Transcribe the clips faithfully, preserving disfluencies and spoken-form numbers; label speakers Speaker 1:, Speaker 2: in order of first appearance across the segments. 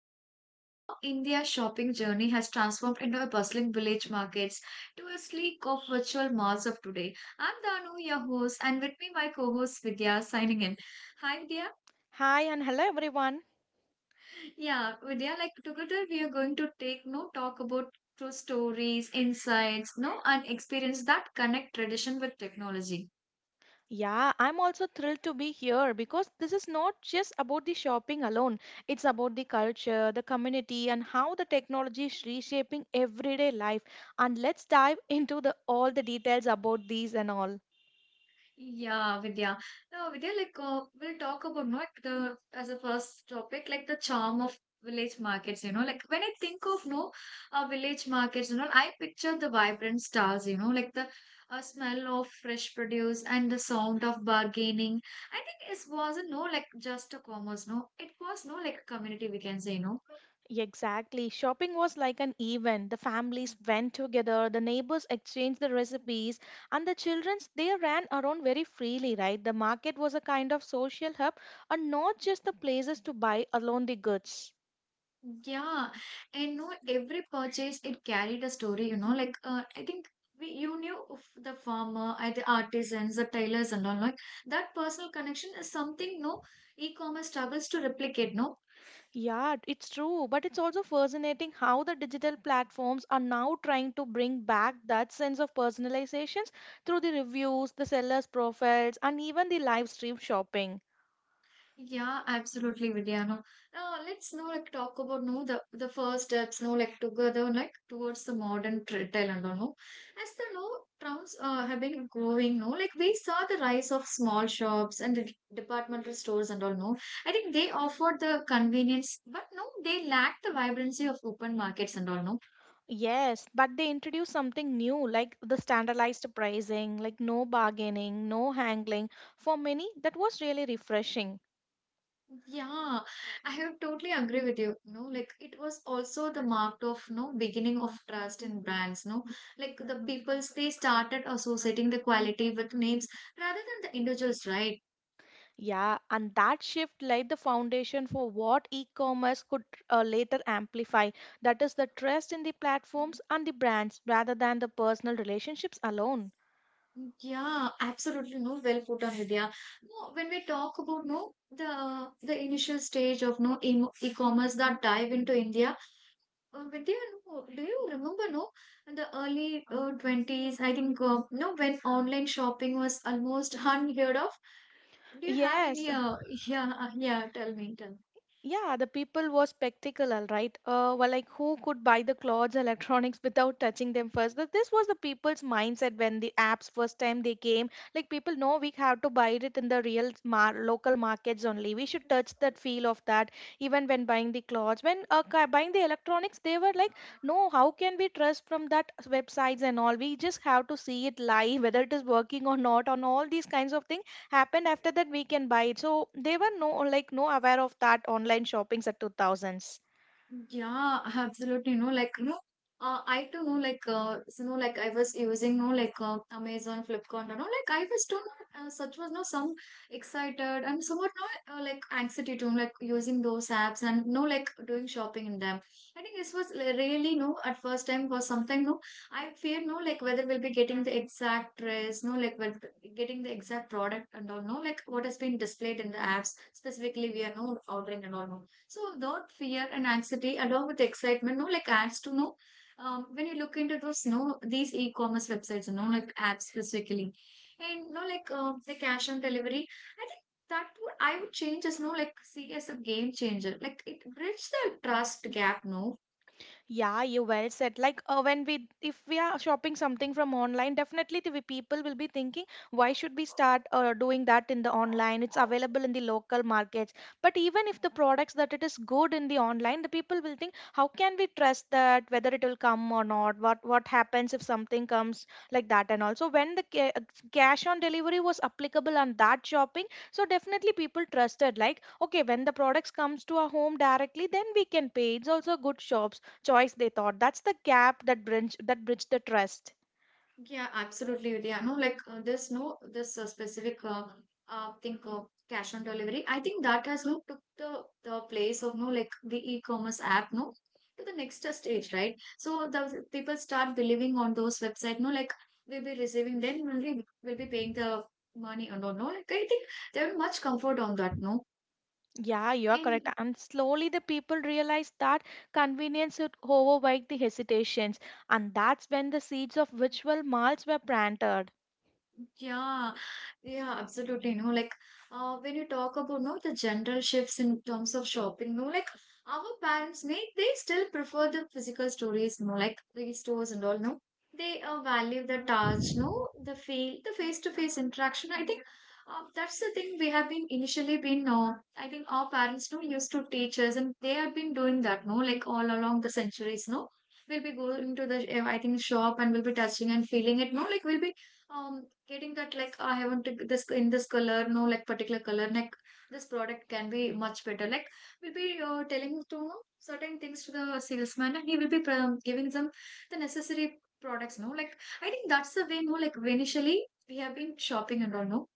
Speaker 1: going to explore how India's shopping journey has transformed into a bustling village markets to a sleek of virtual malls of today. I'm Danu, your host, and with me my co-host Vidya signing in. Hi, Vidya.
Speaker 2: Hi and hello everyone.
Speaker 1: Yeah, Vidya, like together we are going to take no talk about true stories, insights, no, and experience that connect tradition with technology.
Speaker 2: Yeah, I'm also thrilled to be here because this is not just about the shopping alone. It's about the culture, the community, and how the technology is reshaping everyday life. And let's dive into the all the details about these and all.
Speaker 1: Yeah, Vidya. No, Vidya, like uh, we'll talk about not the as a first topic, like the charm of village markets, you know. Like when I think of no uh, village markets, you know, I picture the vibrant stars, you know, like the uh, smell of fresh produce and the sound of bargaining. I think it wasn't no like just a commerce, no. It was no like a community we can say, no.
Speaker 2: Exactly. Shopping was like an event. The families went together, the neighbors exchanged the recipes, and the children they ran around very freely, right? The market was a kind of social hub and not just the places to buy alone the goods.
Speaker 1: Yeah, and no, every purchase it carried a story, you know. Like, uh, I think we you knew of the farmer, uh, the artisans, the tailors, and all. Like that personal connection is something no e-commerce struggles to replicate. No.
Speaker 2: Yeah, it's true, but it's also fascinating how the digital platforms are now trying to bring back that sense of personalizations through the reviews, the sellers' profiles, and even the live stream shopping.
Speaker 1: Yeah, absolutely, Vidya. No, now let's now like talk about no the the first steps no like together like towards the modern tra- Telangana. No, as the no towns uh, have been growing. No, like we saw the rise of small shops and the departmental stores and all. No, I think they offered the convenience, but no, they lacked the vibrancy of open markets and all. No.
Speaker 2: Yes, but they introduce something new like the standardized pricing, like no bargaining, no haggling. For many, that was really refreshing.
Speaker 1: Yeah, I have totally agree with you. No, like it was also the mark of no beginning of trust in brands. No, like the people's they started associating the quality with names rather than the individuals, right?
Speaker 2: Yeah, and that shift laid the foundation for what e commerce could uh, later amplify. That is the trust in the platforms and the brands rather than the personal relationships alone.
Speaker 1: Yeah, absolutely. No, well put on Vidya. No, when we talk about no the the initial stage of no em- e-commerce that dive into India. Uh, Vidya, no, do you remember, no, in the early uh, twenties, I think, uh, no, when online shopping was almost unheard of? Do you have any,
Speaker 2: Yes.
Speaker 1: uh, yeah, uh, yeah, tell me, tell me.
Speaker 2: Yeah, the people was spectacular, right? Uh, well, like who could buy the clothes, electronics without touching them first? Th- This was the people's mindset when the apps first time they came. Like people know we have to buy it in the real mar- local markets only. We should touch that feel of that even when buying the clothes. When uh, ca- buying the electronics, they were like, no, how can we trust from that websites and all? We just have to see it live, whether it is working or not, on all these kinds of things happened after that we can buy it, so they were no, like, no aware of that online shoppings at two thousands.
Speaker 1: Yeah, absolutely. No, like no, uh, I too know like uh, so, no, like I was using no like uh, Amazon, Flipkart, and all. Like I was too no, uh, such was no some excited and somewhat no uh, like anxiety too, like using those apps and no like doing shopping in them. I think this was li- really no at first time was something no. I fear no like whether we'll be getting the exact dress, no like with getting the exact product and all. No like what has been displayed in the apps specifically we are no ordering and all. No. So that fear and anxiety, along with excitement, no, like adds to no. Um, when you look into those, no, these e-commerce websites, no, like apps specifically, and no, like uh, the cash on delivery. I think that would I would change as no, like see as a game changer. Like it bridges the trust gap, no.
Speaker 2: Yeah, you well said. Like uh, when we, if we are shopping something from online, definitely the people will be thinking, why should we start uh, doing that in the online? It's available in the local markets. But even if the products that it is good in the online, the people will think, how can we trust that? Whether it will come or not? What what happens if something comes like that? And also when the ca- uh, cash on delivery was applicable on that shopping, so definitely people trusted. Like okay, when the products comes to our home directly, then we can pay. It's also good shops choice, they thought. That's the gap that bridge, that bridge the trust.
Speaker 1: Yeah, absolutely, Vidya. No, like uh, there's no this uh, specific uh, uh thing of cash on delivery. I think that has no took the the place of no like the e-commerce app no to the next uh, stage, right? So the people start believing on those website. No, like we'll be receiving then only we'll be paying the money or no no. Like I think they're much comfort on that. No,
Speaker 2: Yeah, you are correct.
Speaker 1: and
Speaker 2: And slowly the people realized that convenience would overwhelm the hesitations, and that's when the seeds of ritual malts were planted.
Speaker 1: yeah, yeah, absolutely. No, like uh, when you talk about no the general shifts in terms of shopping, no, like our parents may they still prefer the physical stores, no, like the stores and all, no. They uh, value the touch, no, the feel, the face-to-face interaction. I think uh, that's the thing we have been initially been. Uh, I think our parents no used to teach us, and they have been doing that, no, like all along the centuries, no. We'll be going to the, uh, I think, shop and we'll be touching and feeling it, no, like we'll be um getting that like I haven't took this in this color no like particular color like this product can be much better like we'll be uh, telling to certain things to the salesman and he will be um, giving them the necessary products no like I think that's the way no like initially we have been shopping and all no.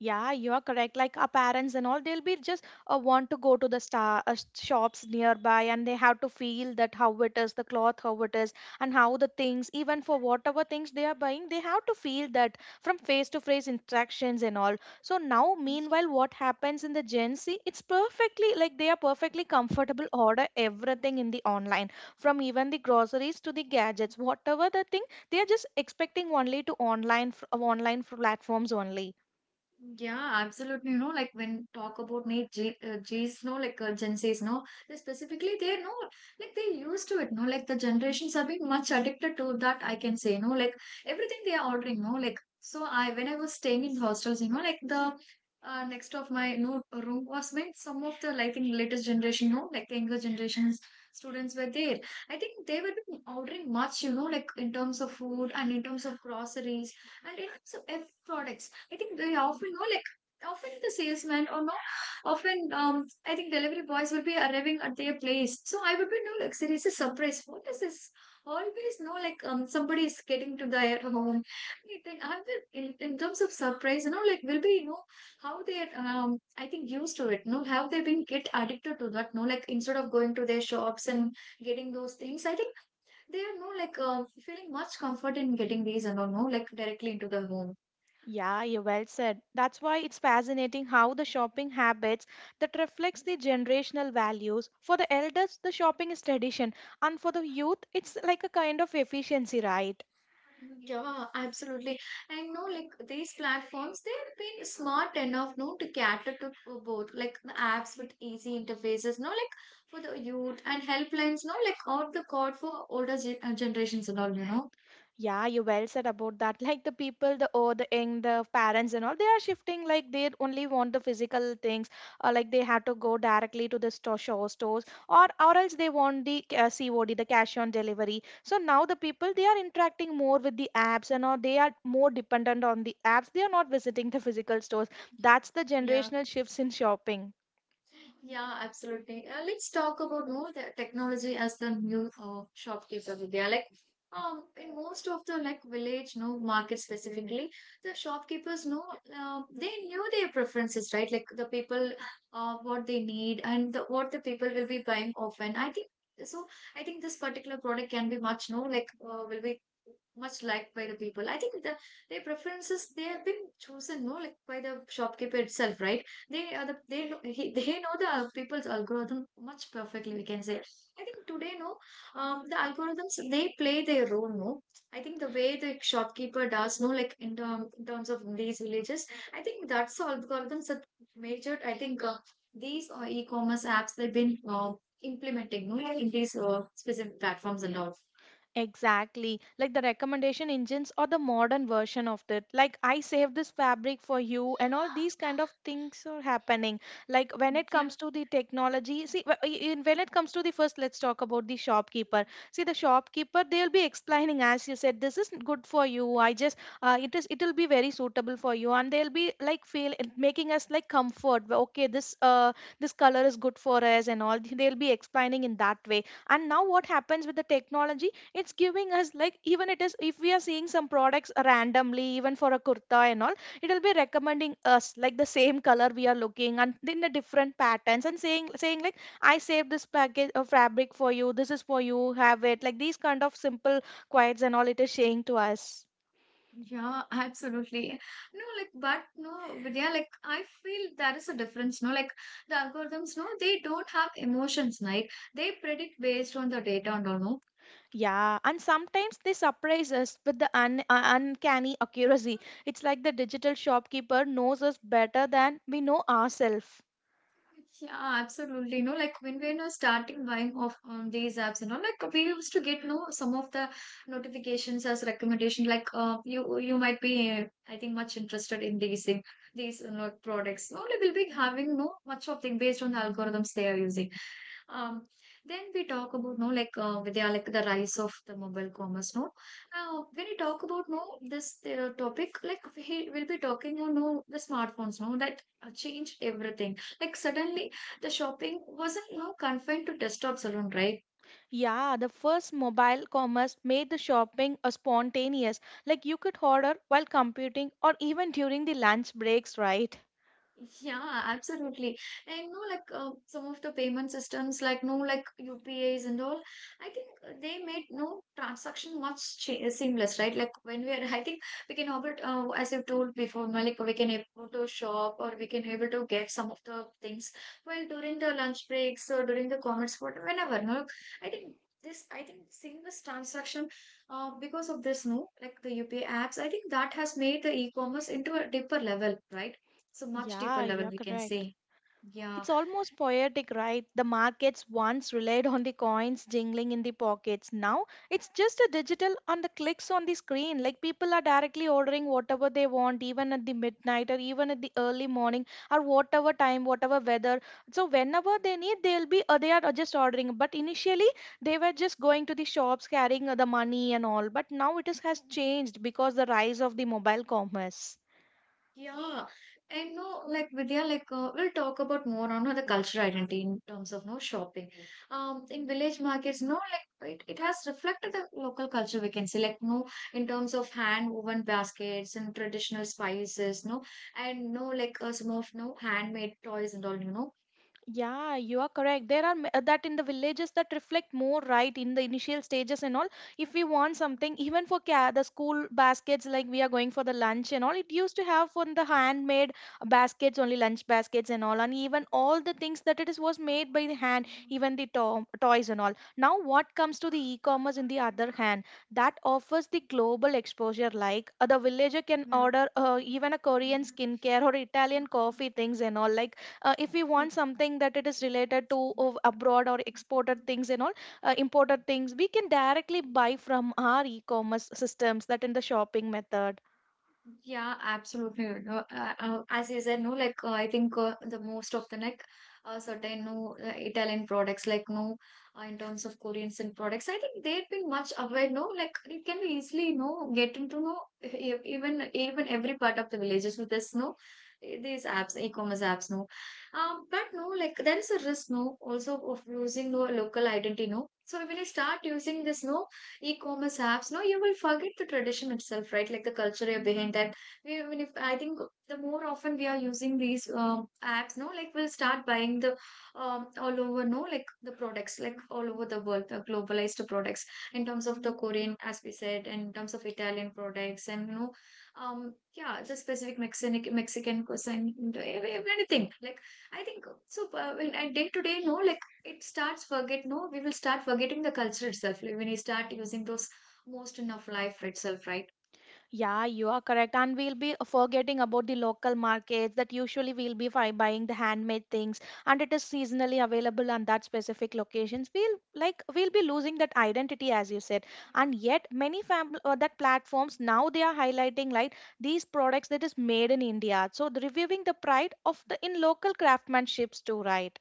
Speaker 2: Yeah, you are correct. Like our parents and all, they'll be just uh, want to go to the star uh, shops nearby, and they have to feel that how it is, the cloth, how it is, and how the things, even for whatever things they are buying, they have to feel that from face to face interactions and all. So now, meanwhile, what happens in the Gen Z? It's perfectly, like, they are perfectly comfortable order everything in the online, from even the groceries to the gadgets, whatever the thing, they are just expecting only to online fr- online platforms only.
Speaker 1: Yeah, absolutely. No, like when talk about Nate J, uh, J's, no, like uh, Gen Z's, no, they specifically they know, like they used to it, no, like the generations have been much addicted to that. I can say, no, like everything they are ordering, no, like so. I when I was staying in hostels, you know, like the uh, next of my no room was meant some of the like in latest generation, no, like the younger generations students were there. I think they were been ordering much, you know, like in terms of food and in terms of groceries and in terms of F products. I think they often know like often the salesman or no often um I think delivery boys will be arriving at their place. So I would be no like there is a surprise. What is this? Always know like um somebody is getting to their home. I think I'm the- in, in terms of surprise, you know, like will be you know how they're um I think used to it. No, how they been get addicted to that. No, like instead of going to their shops and getting those things, I think they are no like uh, feeling much comfort in getting these and all no like directly into the home.
Speaker 2: Yeah, you well said. That's why it's fascinating how the shopping habits that reflects the generational values. For the elders, the shopping is tradition, and for the youth, it's like a kind of efficiency, right?
Speaker 1: Yeah, absolutely. And no, like these platforms, they've been smart enough, no, to cater to uh, both, like the apps with easy interfaces, no, like for the youth and helplines, no, like out the code for older ge- uh, generations and all, you know.
Speaker 2: Yeah, you well said about that. Like the people, the oh, the young, the parents and all, they are shifting. Like they only want the physical things, or like they have to go directly to the store, show stores, or or else they want the uh, C O D, the cash on delivery. So now the people they are interacting more with the apps and all. They are more dependent on the apps. They are not visiting the physical stores. That's the
Speaker 1: Yeah.
Speaker 2: generational shifts in shopping.
Speaker 1: Yeah, absolutely. Uh, let's talk about more the technology as the new uh, shopkeeper Vidya. Like, um, in most of the like village, no market specifically, the shopkeepers know uh, they knew their preferences, right? Like the people, uh, what they need and the, what the people will be buying often. I think so. I think this particular product can be much no like uh, will be much liked by the people. I think the their preferences they have been chosen no like by the shopkeeper itself, right? They are the they know he, they know the people's algorithm much perfectly. We can say. I think today, no, um, the algorithms they play their role. No, I think the way the shopkeeper does, no, like in, term, in terms of these villages, I think that's the algorithms that majored. I think uh, these uh, e-commerce apps they've been uh, implementing, no, in these uh, specific platforms and all.
Speaker 2: Exactly. Like the recommendation engines or the modern version of that. Like I saved this fabric for you and all these kind of things are happening. Like when it
Speaker 1: Yeah.
Speaker 2: comes to the technology, see wh- in- when it comes to the first let's talk about the shopkeeper. See the shopkeeper they'll be explaining as you said this is good for you. I just uh, it is it will be very suitable for you, and they'll be like feel making us like comfort. Okay, this uh this color is good for us and all. They'll be explaining in that way, and now what happens with the technology, it's giving us like, even it is, if we are seeing some products randomly, even for a kurta and all, it will be recommending us like the same color we are looking and in the different patterns, and saying saying like, I saved this package of fabric for you, this is for you, have it, like these kind of simple quotes and all it is saying to us.
Speaker 1: Yeah, absolutely. No, like, but no, but yeah, like, I feel there is a difference. No, like, the algorithms, no, they don't have emotions, right? They predict based on the data and all, no?
Speaker 2: Yeah, and sometimes they surprise us with the un- uh, uncanny accuracy. It's like the digital shopkeeper knows us better than we know ourselves.
Speaker 1: Yeah, absolutely. No, like when we were starting buying off um, these apps and all, like we used to get no some of the notifications as recommendation. Like uh, you you might be uh, I think much interested in these thing these you know, products. No, like, we'll be having no much of thing based on the algorithms they are using. Um, then we talk about no like uh, they like the rise of the mobile commerce. No, uh, when we talk about no this uh, topic, like we will be talking on no the smartphones. No, that uh, changed everything. Like suddenly the shopping wasn't no confined to desktops alone, right?
Speaker 2: Yeah, the first mobile commerce made the shopping a spontaneous. Like you could order while computing or even during the lunch breaks, right?
Speaker 1: Yeah, absolutely. And no, like uh, some of the payment systems, like no, like U P is and all, I think uh, they made no transaction much cha seamless, right? Like when we are, I think we can able, to, uh, as you told before, no, like we can able to shop or we can able to get some of the things while during the lunch breaks or during the commerce, what whenever. No, I think this, I think seamless transaction, uh, because of this, no, like the U P I apps, I think that has made the e-commerce into a deeper level, right? So much deeper
Speaker 2: Yeah,
Speaker 1: level
Speaker 2: you're
Speaker 1: we can
Speaker 2: correct.
Speaker 1: say. Yeah,
Speaker 2: It's almost poetic, right? The markets once relied on the coins jingling in the pockets. Now it's just a digital on the clicks on the screen. Like people are directly ordering whatever they want, even at the midnight or even at the early morning or whatever time, whatever weather. So whenever they need, they'll be uh, they are just ordering. But initially they were just going to the shops carrying uh, the money and all. But now it is, has changed because the rise of the mobile commerce.
Speaker 1: yeah, and no like Vidya like uh, we'll talk about more on the cultural identity in terms of no shopping um in village markets no like it, it has reflected the local culture we can say like no in terms of hand woven baskets and traditional spices no and no like uh, some of no handmade toys and all you know
Speaker 2: Yeah, you are correct. There are ma- that in the villages that reflect more right in the initial stages and all. If we want something, even for ca- the school baskets, like we are going for the lunch and all, it used to have for the handmade baskets only, lunch baskets and all, and even all the things that it is was made by the hand, even the to- toys and all. Now, what comes to the e-commerce in the other hand, that offers the global exposure. Like uh, the villager can
Speaker 1: Yeah.
Speaker 2: order uh, even a Korean skincare or Italian coffee things and all, like uh, if we want
Speaker 1: Sí.
Speaker 2: something that it is related to of abroad or exported things and all, uh, imported things we can directly buy from our e-commerce systems that in the shopping method.
Speaker 1: Yeah, absolutely. You know, uh, uh, as you said, no, like uh, I think uh, the most of the like uh, certain no uh, Italian products, like no, uh, in terms of Korean sin products, I think they've been much aware. No, like it can be easily no get into no e- e-, even even every part of the villages with this no e-, these apps, e-commerce apps. No, um, but no, like there is a risk no also of losing no local identity. No, so when you start using this no e-commerce apps no you will forget the tradition itself, right, like the culture behind that. We, I mean, if I think the more often we are using these um, apps no like we'll start buying the um, all over no like the products like all over the world, the globalized products in terms of the korean as we said and in terms of italian products and you know um yeah, the specific mexican mexican cuisine, everything like I think so uh, in- and day to day no like it starts forget no we will start forgetting the culture itself like when you start using those most in of life itself, right?
Speaker 2: Yeah, you are correct. And we'll be forgetting about the local markets that usually we'll be fi- buying the handmade things, and it is seasonally available on that specific locations. We'll like we'll be losing that identity as you said. And yet many fam- uh, that platforms now they are highlighting like these products that is made in India. So the, reviewing the pride of the in local craftsmanships too, right?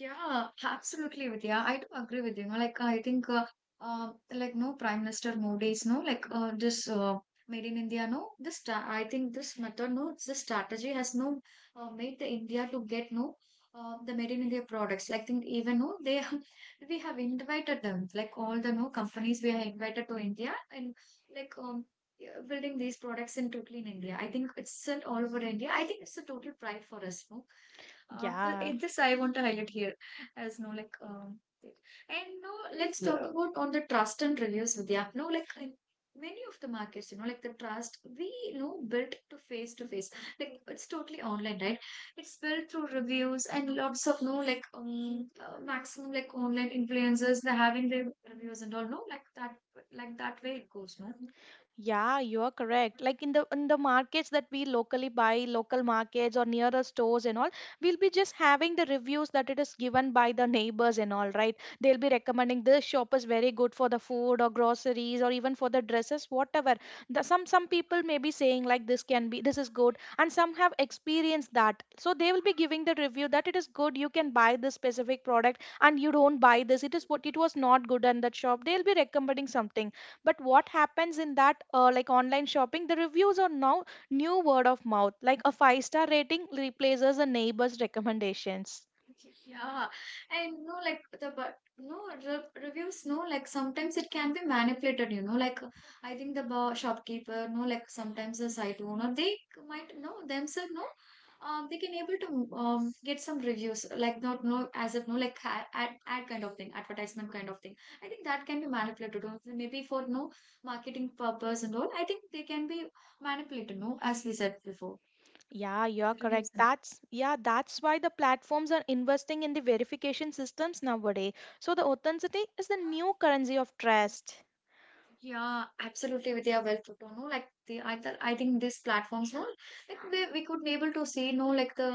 Speaker 1: Yeah, absolutely, Vidya. I do agree with you. No, like I think, uh, uh, like no Prime Minister Modi's no, like uh, this uh, Made in India no. This sta I think this method no, it's this strategy has no uh, made the India to get no uh, the Made in India products. Like think even no, they have- we have invited them. Like all the no companies we have invited to India and like um. Yeah, building these products in totally in India. I think it's still all over India. I think it's a total pride for us, no? Uh, th-
Speaker 2: Yeah.
Speaker 1: eh, this I want to highlight here as no like um and no let's talk, yeah, about on the trust and reviews with the app. No, like in many of the markets, you know, like the trust we you know built to face to face, like it's totally online right, it's built through reviews and lots of no like um uh, maximum like online influencers they're having their reviews and all no like that, like that way it goes no.
Speaker 2: Yeah, you are correct. Like in the in the markets that we locally buy, local markets or nearer stores and all, we'll be just having the reviews that it is given by the neighbors and all, right? They'll be recommending this shop is very good for the food or groceries or even for the dresses, whatever. The, some some people may be saying like this can be this is good, and some have experienced that, so they will be giving the review that it is good. You can buy this specific product, and you don't buy this. It is what it was not good, and that shop they'll be recommending something, but what happens in that, uh, like online shopping, the reviews are now new word of mouth, like a five star rating replaces a neighbor's recommendations.
Speaker 1: Yeah, and no, like the but no re reviews, no, like sometimes it can be manipulated, you know. Like I think the bar shopkeeper, no, like sometimes the site owner, they might know themselves, no, um, they can able to um get some reviews, like not no as if no, like ad, ad ad kind of thing, advertisement kind of thing. I think that can be manipulated, or maybe for no marketing purpose and all. I think they can be manipulated, no, as we said before,
Speaker 2: Yeah, you're
Speaker 1: the
Speaker 2: correct.
Speaker 1: reviews. And
Speaker 2: That's yeah that's why the platforms are investing in the verification systems nowadays, so the authenticity is the new currency of trust.
Speaker 1: yeah, absolutely. With their well put on, no, like the I th I think these platforms, no, like we we could be able to see, no, like the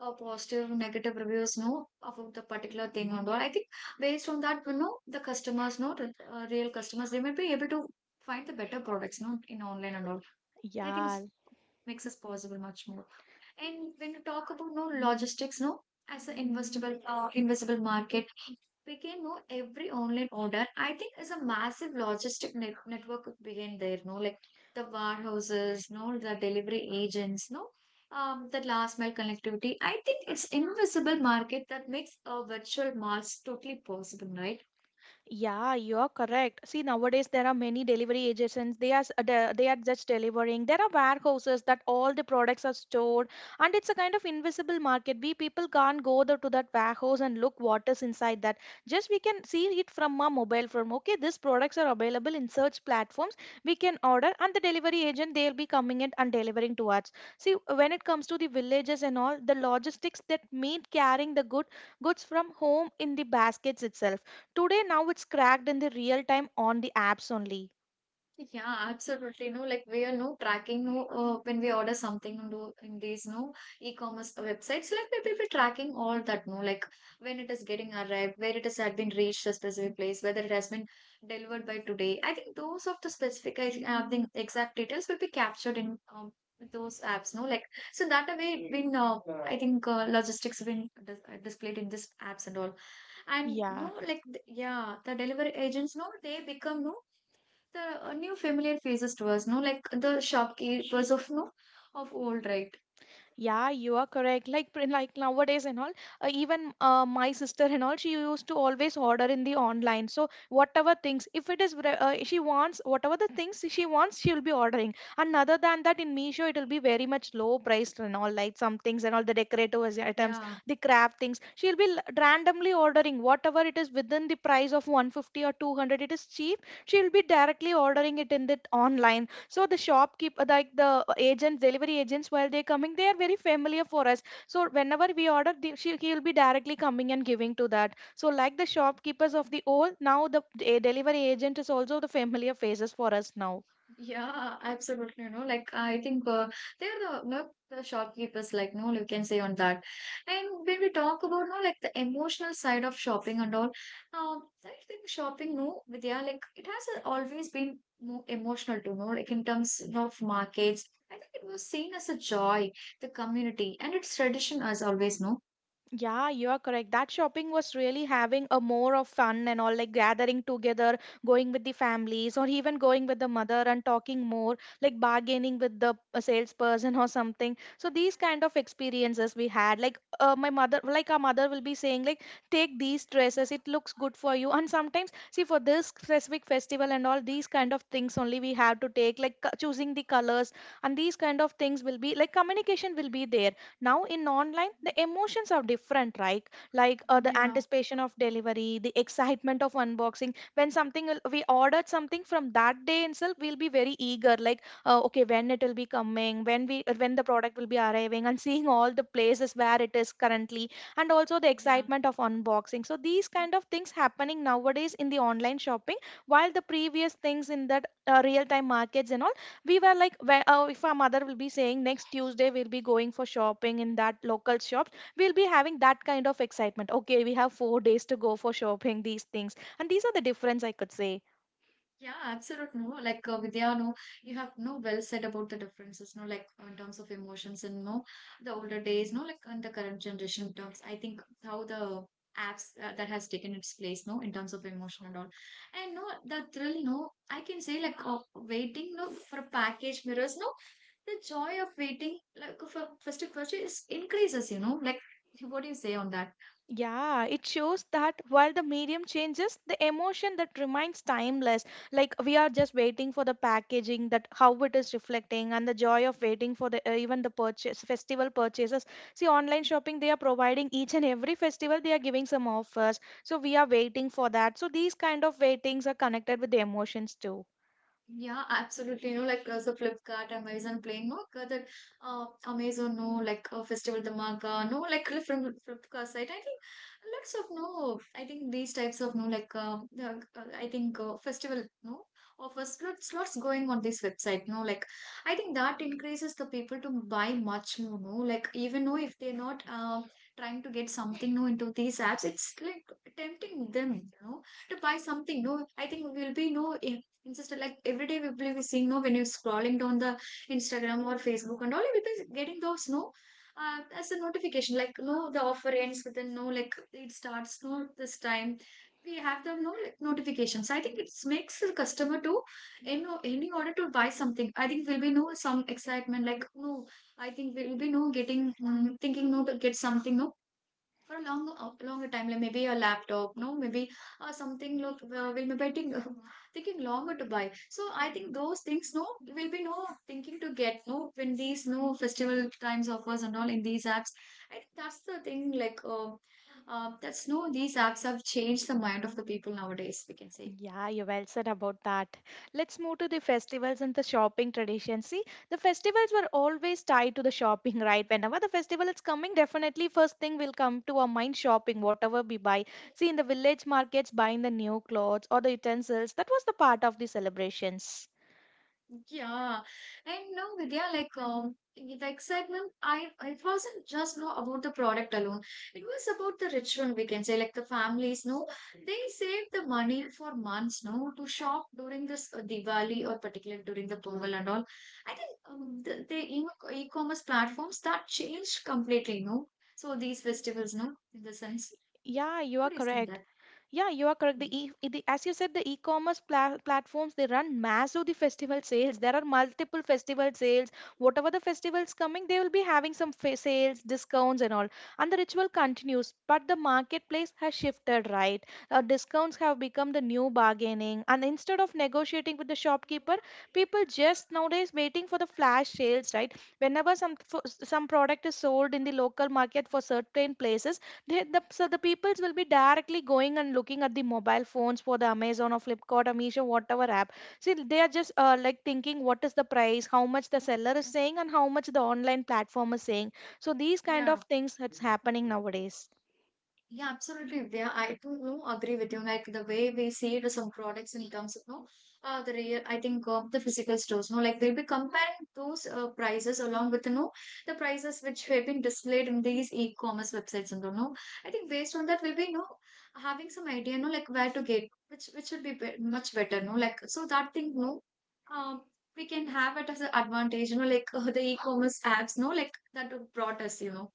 Speaker 1: uh, positive, negative reviews, no, about the particular thing and all. I think based on that, you know, the customers, no, the, uh, real customers, they may be able to find the better products, no, in online and all. I think
Speaker 2: Yeah.
Speaker 1: it's, makes us possible much more. And when you talk about no logistics, no, as an investable, uh, invisible market begin, no, every online order, I think is a massive logistic net network could begin there, no, like the warehouses, no, the delivery agents, no, um, the last mile connectivity. I think it's invisible market that makes a virtual malls totally possible, right?
Speaker 2: Yeah, you're correct. See, nowadays there are many delivery agents. They are s- de- they are just delivering. There are warehouses that all the products are stored, and it's a kind of invisible market. We people can't go there to that warehouse and look what is inside that. Just we can see it from our mobile phone. Okay, these products are available in search platforms. We can order, and the delivery agent they'll be coming in and delivering to us. See, when it comes to the villages and all, the logistics that mean carrying the good goods from home in the baskets itself. Today, now it's cracked in the real time on the apps only.
Speaker 1: Yeah, absolutely. No, like we are no tracking no uh, when we order something on tho- in these no e-commerce websites, like we will be tracking all that no, like when it is getting arrived, where it has had been reached a specific place, whether it has been delivered by today. I think those of the specific I think, uh, the exact details will be captured in um, those apps. No, like so that a way it been uh, I think uh, logistics been dis- uh, displayed in these apps and all. And
Speaker 2: Yeah.
Speaker 1: no like th- yeah the delivery agents no they become no the uh, new familiar faces to us, no, like the shopkeepers of no of old, right?
Speaker 2: Yeah, you are correct. Like pr- like nowadays and all, uh, even uh, my sister and all, she used to always order in the online. So whatever things, if it is vra- uh, she wants, whatever the things she wants, she will be ordering. And other than that, in Meesho, it will be very much low priced and all, like some things and all the decorative as- items,
Speaker 1: Yeah,
Speaker 2: the craft things. She will be l- randomly ordering whatever it is within the price of one fifty or two hundred. It is cheap. She will be directly ordering it in the online. So the shopkeeper, like the uh, agents, delivery agents, while they're coming, they are very familiar for us. So whenever we order, the, she, he will be directly coming and giving to that. So like the shopkeepers of the old, now the d- delivery agent is also the familiar faces for us now.
Speaker 1: yeah, absolutely. No, like I think uh, they're the no the shopkeepers, like no, you can say on that. And when we talk about no, like the emotional side of shopping and all, um, I think shopping, no, Vidya, like it has uh, always been more emotional too, no, like in terms of markets. I think it was seen as a joy, the community, and its tradition as always, no.
Speaker 2: Yeah, you are correct. That shopping was really having a more of fun and all, like gathering together, going with the families, or even going with the mother and talking more, like bargaining with the uh, salesperson or something. So these kind of experiences we had, like uh, my mother, like our mother will be saying, like take these dresses, it looks good for you. And sometimes, see, for this specific festival and all these kind of things only we have to take, like co- choosing the colors, and these kind of things will be, like, communication will be there. Now in online the emotions are different, right? Like uh, the
Speaker 1: Yeah,
Speaker 2: anticipation of delivery, the excitement of unboxing. When something will- we ordered something, from that day itself we'll be very eager, like uh, okay, when it will be coming, when we uh, when the product will be arriving, and seeing all the places where it is currently. And also the
Speaker 1: yeah,
Speaker 2: excitement of unboxing. So these kind of things happening nowadays in the online shopping, while the previous things in that uh, real time markets and all, we were like, when uh, if our mother will be saying next Tuesday we'll be going for shopping in that local shop, we'll be having that kind of excitement. Okay, we have four days to go for shopping these things, and these are the difference I could say.
Speaker 1: yeah, absolutely. No, like uh, Vidya, no, you have no well said about the differences, no, like uh, in terms of emotions and no, the older days, no, like in the current generation terms. I think how the apps uh, that has taken its place, no, in terms of emotion and all, and no, the thrill, no, I can say like uh, waiting, no, for a package mirrors, no, the joy of waiting like for first of all, purchase increases, you know, like what do you say on that?
Speaker 2: Yeah, it shows that while the medium changes, the emotion that remains timeless. Like we are just waiting for the packaging, that how it is reflecting, and the joy of waiting for the uh, even the purchase, festival purchases. See, online shopping, they are providing each and every festival they are giving some offers. So we are waiting for that. So these kind of waitings are connected with the emotions too.
Speaker 1: Yeah, absolutely. You know, like uh, so Flipkart, Amazon Plane, no, uh, that uh, Amazon, no, like uh, Festival The Maga, no, like uh, from Flipkart site. I think lots of no, I think these types of no, like uh, uh, uh, I think uh, festival no offers lots lots going on this website. No, like I think that increases the people to buy much more. No, like even though if they're not um trying to get something no into these apps, it's like tempting them. You know, to buy something. No, I think we will be no. And sister, like every day we will be seeing, no, when you're scrolling down the Instagram or Facebook and all, you will be getting those, no, uh, as a notification, like, no, the offer ends within, no, like it starts, no, this time. We have them, no, like notifications. I think it makes the customer to, in, in order to buy something, I think will be, no, some excitement, like, no, I think we will be, no, getting, mm, thinking, no, to get something, no for a long uh, longer time, like maybe a laptop no maybe uh, something look uh, will be betting uh, taking longer to buy. So I think those things no will be no thinking to get no when these no festival times offers and all in these apps. I think that's the thing like uh, uh, that's no these apps have changed the mind of the people nowadays, we can say.
Speaker 2: Yeah, you well said about that. Let's move to the festivals and the shopping tradition. See, the festivals were always tied to the shopping, right? Whenever the festival is coming, definitely first thing will come to our mind, shopping, whatever we buy. See, in the village markets, buying the new clothes or the utensils, that was the part of the celebrations.
Speaker 1: Yeah, and no, Vidya, like um, the excitement, I it wasn't just no about the product alone. It was about the ritual, we can say, like the families, no, they saved the money for months, no, to shop during this uh, Diwali or particularly during the Pongal and all. I think um, the, the e- e-commerce platforms that changed completely, no. So these festivals, no, in the sense,
Speaker 2: Yeah, you are
Speaker 1: what do you say
Speaker 2: correct.
Speaker 1: that?
Speaker 2: Yeah, you are correct. The,
Speaker 1: Yeah.
Speaker 2: e- the, as you said, the e-commerce pla- platforms they run massive the festival sales. There are multiple festival sales. Whatever the festivals coming, they will be having some fa- sales, discounts, and all. And the ritual continues, but the marketplace has shifted, right? Uh, discounts have become the new bargaining, and instead of negotiating with the shopkeeper, people just nowadays waiting for the flash sales, right? Whenever some f- some product is sold in the local market for certain places, they, the, so the peoples will be directly going and looking at the mobile phones for the Amazon or Flipkart or Meesho, whatever app. See, they are just uh, like thinking what is the price, how much the seller is saying, and how much the online platform is saying. So these kind of
Speaker 1: Yeah.
Speaker 2: things that's happening nowadays.
Speaker 1: Yeah, absolutely, Vidya. I do know. Agree with you. Like the way we see it, some products in terms of no, uh, the real, I think of the physical stores. No, like they'll be comparing those uh, prices along with no the prices which have been displayed in these e-commerce websites. And all, no, I think based on that, we'll be no having some idea. No, like where to get which which should be, be much better. No, like so that thing. No, um, we can have it as an advantage. You know, like uh, the e-commerce apps. No, like that brought us. You know,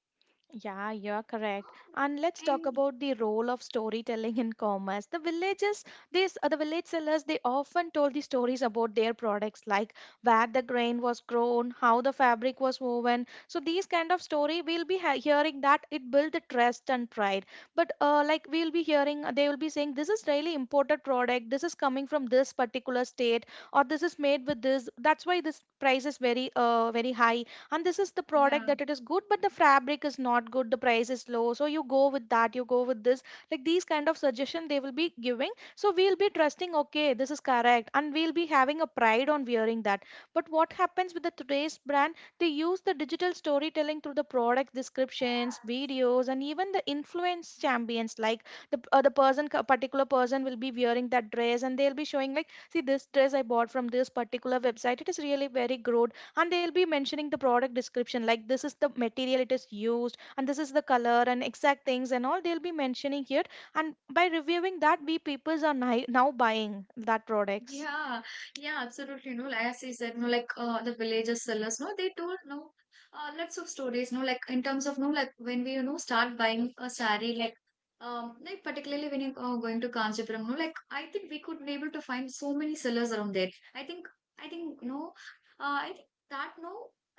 Speaker 2: Yeah, you're correct. And let's talk
Speaker 1: and
Speaker 2: about the role of storytelling in commerce. The villages, these uh, the village sellers, they often told the stories about their products, like where the grain was grown, how the fabric was woven. So these kind of story, we'll be ha- hearing that it built the trust and pride. But uh, like we'll be hearing, uh, they will be saying this is really imported product. This is coming from this particular state, or this is made with this. That's why this price is very, uh, very high, and this is the product
Speaker 1: yeah.
Speaker 2: that it is good, but the fabric is not good, the price is low, so you go with that, you go with this. Like these kind of suggestion they will be giving. So we'll be trusting, okay, this is correct, and we'll be having a pride on wearing that. But what happens with the today's brand, they use the digital storytelling through the product descriptions, videos, and even the influence champions. Like the uh, the person, particular person will be wearing that dress, and they'll be showing, like, see this dress I bought from this particular website, it is really very good. And they'll be mentioning the product description, like this is the material it is used, and this is the color, and exact things and all they'll be mentioning here. And by reviewing that, we peoples are ni- now buying that products.
Speaker 1: Yeah, yeah, absolutely. No, like as you said, no, like uh, the villagers sellers, no, they told no, uh, lots of stories, no, like in terms of no, like when we you know start buying a saree, like um, like particularly when you're uh, going to Kanchipuram, no, like I think we could be able to find so many sellers around there. I think, I think, no, uh, I think that no,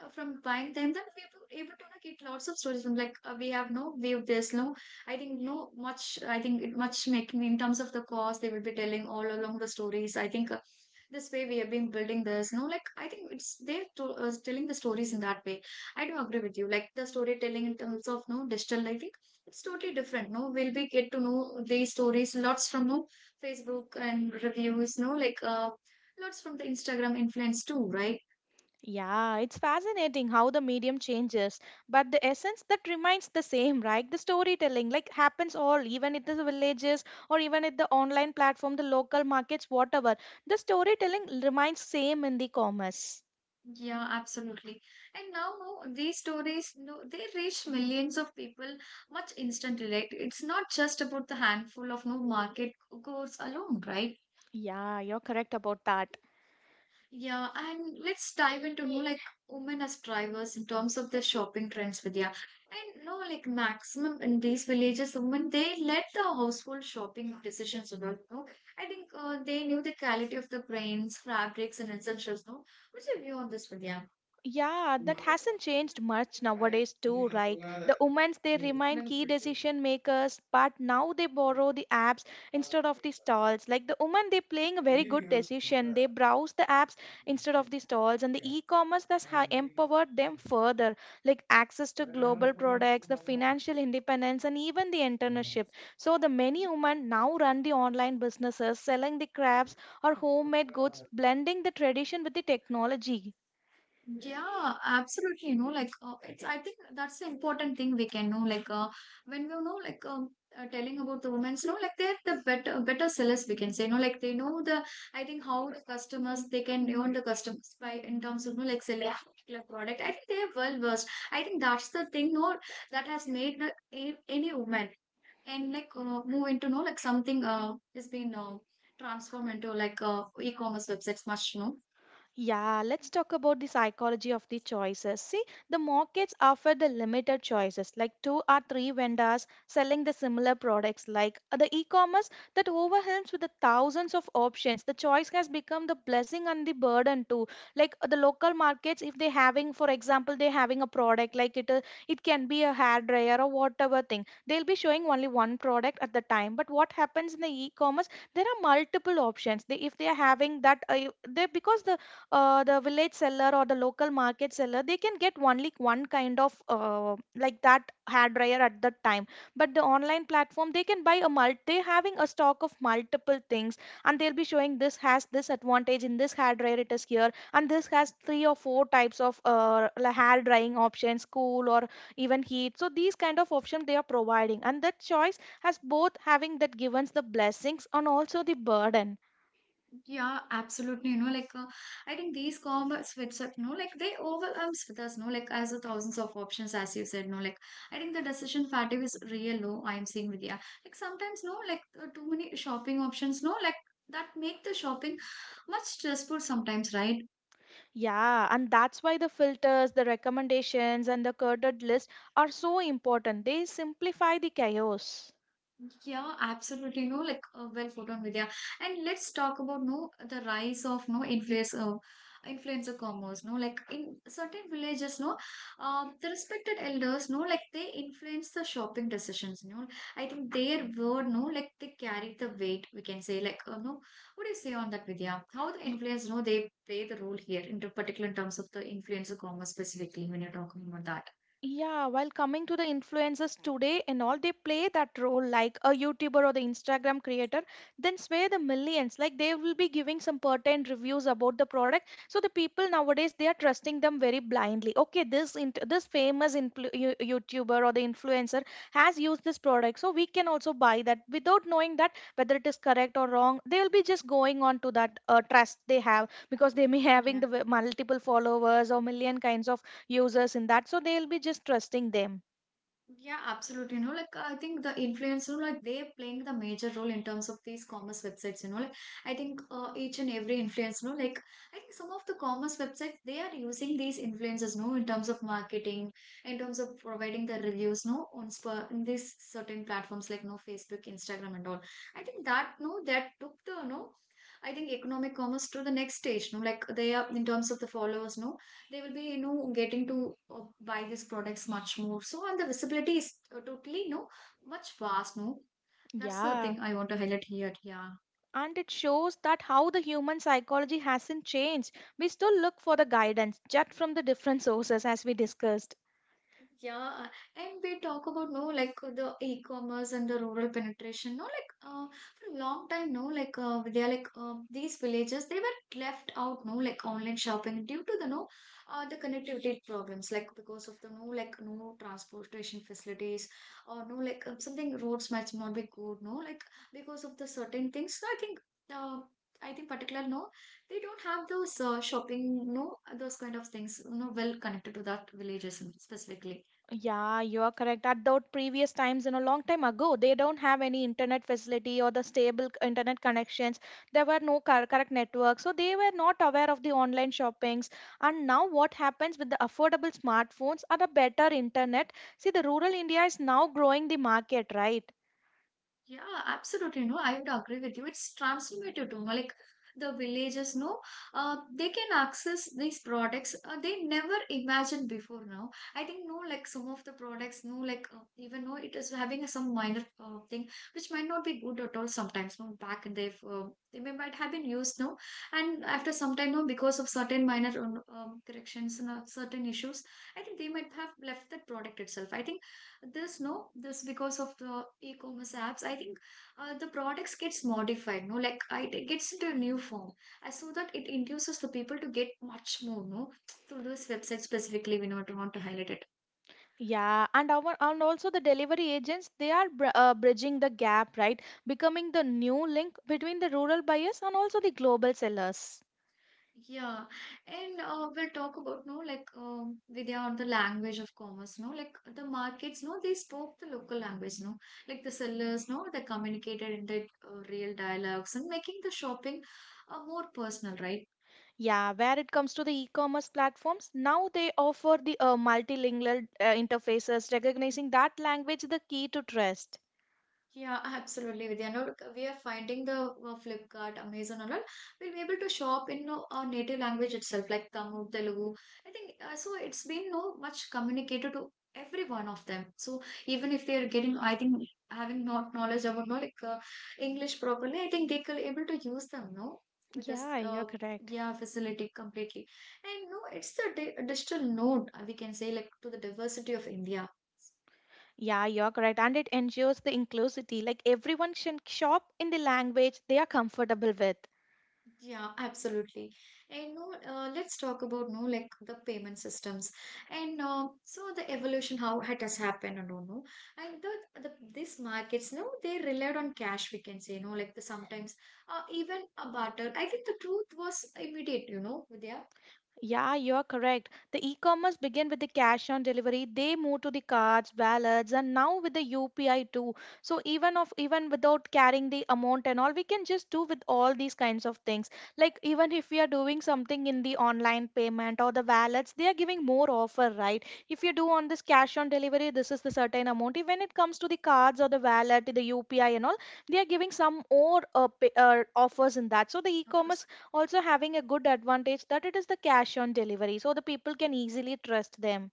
Speaker 1: uh, from buying them, that we were able to you get lots of stories from like uh, we have no viewed this, no, I think no much. I think it much making in terms of the cost they will be telling all along the stories. I think uh, this way we have been building this. You know, like I think it's they're to, uh, telling the stories in that way. I do agree with you. Like the storytelling in terms of no digital, I think it's totally different. No, we'll be get to know these stories lots from no Facebook and reviews. No, like uh, lots from the Instagram influence too, right?
Speaker 2: Yeah, it's fascinating how the medium changes, but the essence that remains the same, right? The storytelling like happens all, even at the villages, or even at the online platform, the local markets, whatever. The storytelling remains same in the commerce.
Speaker 1: Yeah, absolutely. And now no, these stories, no, they reach millions of people much instantly. Right? It's not just about the handful of no market goers alone, right?
Speaker 2: Yeah, you're correct about that.
Speaker 1: Yeah, and let's dive into no like women as drivers in terms of their shopping trends, Vidya. And no, like maximum in these villages, women they led the household shopping decisions. You know, no? I think uh, they knew the quality of the grains, fabrics, and essentials. No, what's your view on this, Vidya?
Speaker 2: Yeah, that hasn't changed much nowadays too. Like the women's, they remain key decision makers, but now they borrow the apps instead of the stalls. Like the women, they playing a very good decision. They browse the apps instead of the stalls, and the e-commerce thus ha- empowered them further. Like access to global products, the financial independence, and even the entrepreneurship. So the many women now run the online businesses, selling the crafts or homemade goods, blending the tradition with the technology.
Speaker 1: Yeah, absolutely. You know, like uh, it's. I think that's the important thing we can know. Like, uh, when we know, like, um, uh, telling about the women's, you know, like they're the better, better sellers. We can say, you know, like they know the. I think how the customers they can earn the customers by in terms of you know like selling a particular product. I think they're well versed. I think that's the thing. No, that has made the, a, any woman and like uh, move into no, like something uh is been uh, transformed into like uh, e-commerce websites much. No
Speaker 2: Yeah, let's talk about the psychology of the choices. See, the markets offer the limited choices, like two or three vendors selling the similar products, like uh, the e-commerce that overwhelms with the thousands of options. The choice has become the blessing and the burden too. Like uh, the local markets, if they having, for example, they having a product like it, uh, it can be a hair dryer or whatever thing. They'll be showing only one product at the time. But what happens in the e-commerce? There are multiple options. They, if they are having that, uh, they, because the uh, the village seller or the local market seller, they can get only one kind of uh, like that hair dryer at that time, but the online platform, they can buy a mult, they having a stock of multiple things. And they'll be showing this has this advantage in this hair dryer, it is here, and this has three or four types of uh, la- hair drying options, cool or even heat. So these kind of options they are providing, and that choice has both having that givens the blessings and also the burden.
Speaker 1: Yeah, absolutely. You know, like uh, I think these commerce websites, no, like they overwhelms with us, no, like as the thousands of options, as you said, no, like I think the decision fatigue is real No, I'm seeing with yeah, like sometimes no, like uh, too many shopping options, no, like that make the shopping much stressful sometimes, right?
Speaker 2: Yeah, and that's why the filters, the recommendations, and the curated list are so important. They simplify the chaos.
Speaker 1: Yeah, absolutely. No, like uh, well put on Vidya. And let's talk about no the rise of no influencer influencer commerce. No, like in certain villages, no, um, the respected elders, no, like they influence the shopping decisions. You know, I think their word, no, like they carried the weight. We can say, like, uh, no, what do you say on that, Vidya? How the influence, no, they play the role here in the particular in terms of the influencer commerce specifically when you're talking about
Speaker 2: Yeah, while coming to the influencers today and all, they play that role like a YouTuber or the Instagram creator, then swear the millions. Like they will be giving some pertinent reviews about the product. So the people nowadays they are trusting them very blindly. Okay, this int this famous influ you- YouTuber or the influencer has used this product, so we can also buy that without knowing that whether it is correct or wrong. They will be just going on to that uh, trust they have, because they may having the
Speaker 1: that.
Speaker 2: w- multiple followers or million kinds of users in that, so they'll be just trusting them.
Speaker 1: Yeah, absolutely. You know, like I think the influence, you know, like they are playing the major role in terms of these commerce websites. You know, like I think uh, each and every influence, you know, like I think some of the commerce websites they are using these influencers, you know, in terms of marketing, in terms of providing the reviews, you know, on sp- in these certain platforms like no Facebook, Instagram, and all. I think that no, that took the no, I think economic commerce to the next stage. No, like they are in terms of the followers, no they will be you know getting to uh, buy these products much more so and the visibility is uh, totally no much vast no that's the
Speaker 2: Yeah,
Speaker 1: thing I want to highlight here yeah
Speaker 2: and it shows that how the human psychology hasn't changed. We still look for the guidance just from the different sources, as we discussed.
Speaker 1: Yeah, and we talk about no like the e-commerce and the rural penetration. No, like uh, for a long time, no, like uh, they are like um these villages they were left out. No, like online shopping due to the no uh, the connectivity problems. Like because of the no like no transportation facilities or no like uh, something roads might not be good. No, like because of the certain things. So I think uh, I think particular no they don't have those uh, shopping no those kind of things no well connected to that villages specifically.
Speaker 2: Yeah, you are correct. At those previous times and a long time ago, they don't have any internet facility or the stable c- internet connections. There were no cor- correct networks, so they were not aware of the online shoppings. And now what happens with the affordable smartphones and the better internet, see, the rural India is now growing the market, right?
Speaker 1: Yeah, absolutely. No, I would agree with you. It's transformative to know, like the villagers know uh, they can access these products uh, they never imagined before now I think no like some of the products no like uh, even though it is having some minor uh, thing which might not be good at all sometimes no back and they've uh, they may might have been used no and after some time no because of certain minor um, um, corrections and uh, certain issues I think they might have left that product itself I think this no this because of the e-commerce apps I think uh, the products gets modified no like I, it gets into a new form I saw that it induces the people to get much more no through this website specifically we not want to highlight it
Speaker 2: Yeah, and our, and also the delivery agents, they are br- uh, bridging the gap, right? Becoming the new link between the rural buyers and also the global sellers.
Speaker 1: yeah and uh, we'll talk about no like um, Vidya on the language of commerce no like the markets no they spoke the local language no like the sellers no they communicated in their uh, real dialogues and making the shopping uh, more personal right
Speaker 2: Yeah, where it comes to the e-commerce platforms, now they offer the uh, multilingual uh, interfaces, recognizing that language the key to trust.
Speaker 1: Yeah, absolutely, Vidya. No, look, we are finding the uh, Flipkart, Amazon, and all. We'll be able to shop in no, our native language itself, like Tamil, Telugu. I think uh, so. It's been no much communicated to every one of them. So even if they are getting, I think having not knowledge about no like uh, English properly, I think they could able to use them. No, with this
Speaker 2: Yeah, you're
Speaker 1: uh,
Speaker 2: correct.
Speaker 1: yeah facility completely. And no, it's the di digital node uh, we can say like to the diversity of India.
Speaker 2: Yeah, you're correct. And it ensures the inclusivity, like everyone can shop in the language they are comfortable with.
Speaker 1: Yeah, absolutely. And no, uh, let's talk about no like the payment systems and uh, so the evolution how it has happened. I don't know. And the, the these markets, no, they relied on cash. We can say, no, like the sometimes uh, even a barter. I think the truth was immediate. You know, Vidya.
Speaker 2: Yeah, you're correct. The e-commerce began with the cash on delivery. They moved to the cards, wallets, and now with the U P I too. So even of even without carrying the amount and all, we can just do with all these kinds of things. Like even if we are doing something in the online payment or the wallets, they are giving more offer, right? If you do on this cash on delivery, this is the certain amount. If When it comes to the cards or the wallet, the U P I and all, they are giving some more uh, pay, uh, offers in that. So the
Speaker 1: Of
Speaker 2: e-commerce
Speaker 1: course.
Speaker 2: also having a good advantage that it is the cash on delivery so the people can easily trust them.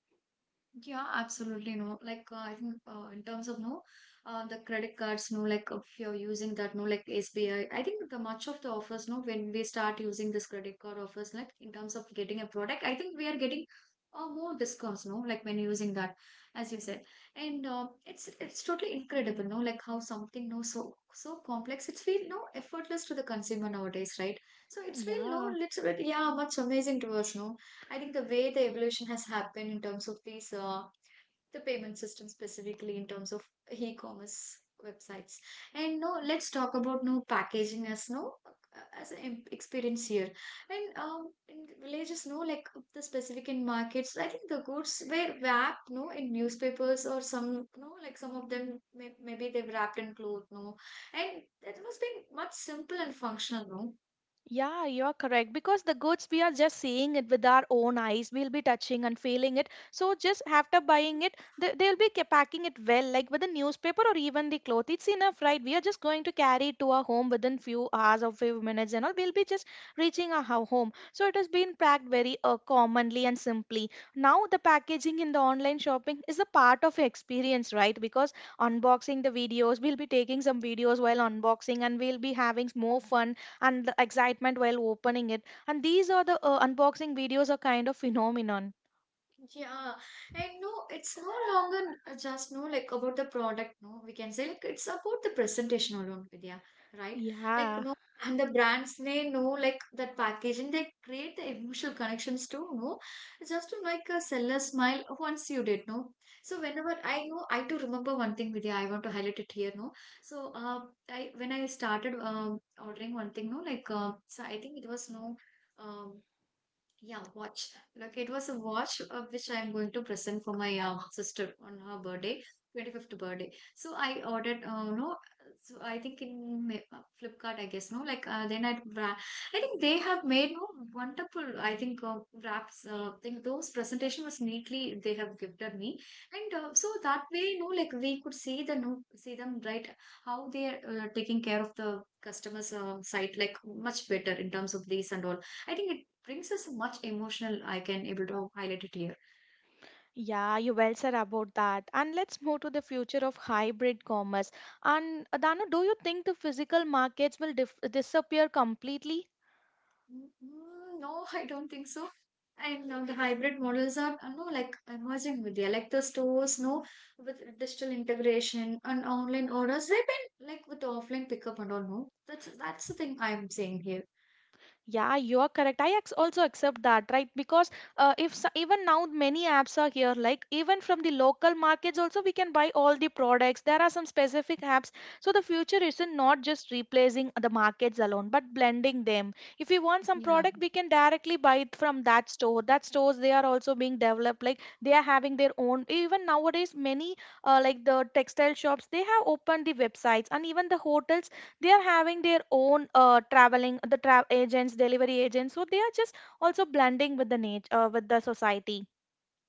Speaker 1: Yeah, absolutely no. Like uh, I think uh, in terms of no, uh, the credit cards no. Like if you're using that no, like S B I, I I think the much of the offers no. When we start using this credit card offers, like in terms of getting a product, I think we are getting uh, more discounts no. Like when using that, as you said, and uh, it's it's totally incredible no. Like how something no so so complex, it's feel no effortless to the consumer nowadays, right? So it's feel no.
Speaker 2: Yeah.
Speaker 1: It's yeah, much amazing to us no. I think the way the evolution has happened in terms of these, uh, the payment system specifically in terms of e-commerce websites. And no, let's talk about no packaging as no uh, as an em- experience here. And um, in the villages, no, like the specific in markets, I think the goods were wrapped, no, in newspapers or some, no, like some of them may, maybe they've wrapped in cloth, no, and that must be much simple and functional, no.
Speaker 2: Yeah, you're correct. Because the goods, we are just seeing it with our own eyes. We'll be touching and feeling it. So just after buying it, they, they'll be ca- packing it well, like with the newspaper or even the cloth. It's enough, right? We are just going to carry it to our home within few hours or few minutes and all. We'll be just reaching our ho- home. So it has been packed very uh, commonly and simply. Now the packaging in the online shopping is a part of experience, right? Because unboxing the videos, we'll be taking some videos while unboxing and we'll be having more fun and the excitement while opening it. And these are the uh, unboxing videos are kind of phenomenon.
Speaker 1: Yeah, and no, it's no longer uh, just no like about the product. No, we can say like it's about the presentation alone, Vidya, right? Like
Speaker 2: Yeah,
Speaker 1: no, and the brands they know like that packaging they create the emotional connections too. No, just to like a seller smile once you did. No, so whenever I know, I to remember one thing, Vidya. I want to highlight it here. No, so uh, I when I started um ordering one thing. No, like uh, so I think it was no. Um, yeah, watch. Like it was a watch uh, which I'm going to present for my uh, sister on her birthday, twenty-fifth birthday. So I ordered, uh, no, so I think in Ma- uh, Flipkart, I guess, no, like uh, then I, wra- I think they have made no wonderful, I think uh, wraps. Uh, think those presentation was neatly they have gifted me, and uh, so that way, no, like we could see the no, see them right how they are uh, taking care of the customers' uh, site like much better in terms of these and all. I think it brings us much emotional I can able to highlight it here
Speaker 2: yeah, you well said about that. And let's move to the future of hybrid commerce. And uh, Danu, do you think the physical markets will dif- disappear completely?
Speaker 1: Mm, no I don't think so and now the hybrid models are uh, no like emerging with the like the stores no with digital integration and online orders they've been like with the offline pickup and all no that's that's the thing I'm saying here
Speaker 2: Yeah, you are correct. I ex- also accept that, right? Because uh, if so, even now many apps are here, like even from the local markets also we can buy all the products. There are some specific apps. So the future isn't not just replacing the markets alone, but blending them. If we want some
Speaker 1: yeah
Speaker 2: product, we can directly buy it from that store. That stores they are also being developed, like they are having their own. Even nowadays, many uh, like the textile shops, they have opened the websites, and even the hotels they are having their own uh, traveling the travel agents delivery agents so they are just also blending with the nature uh, with the society.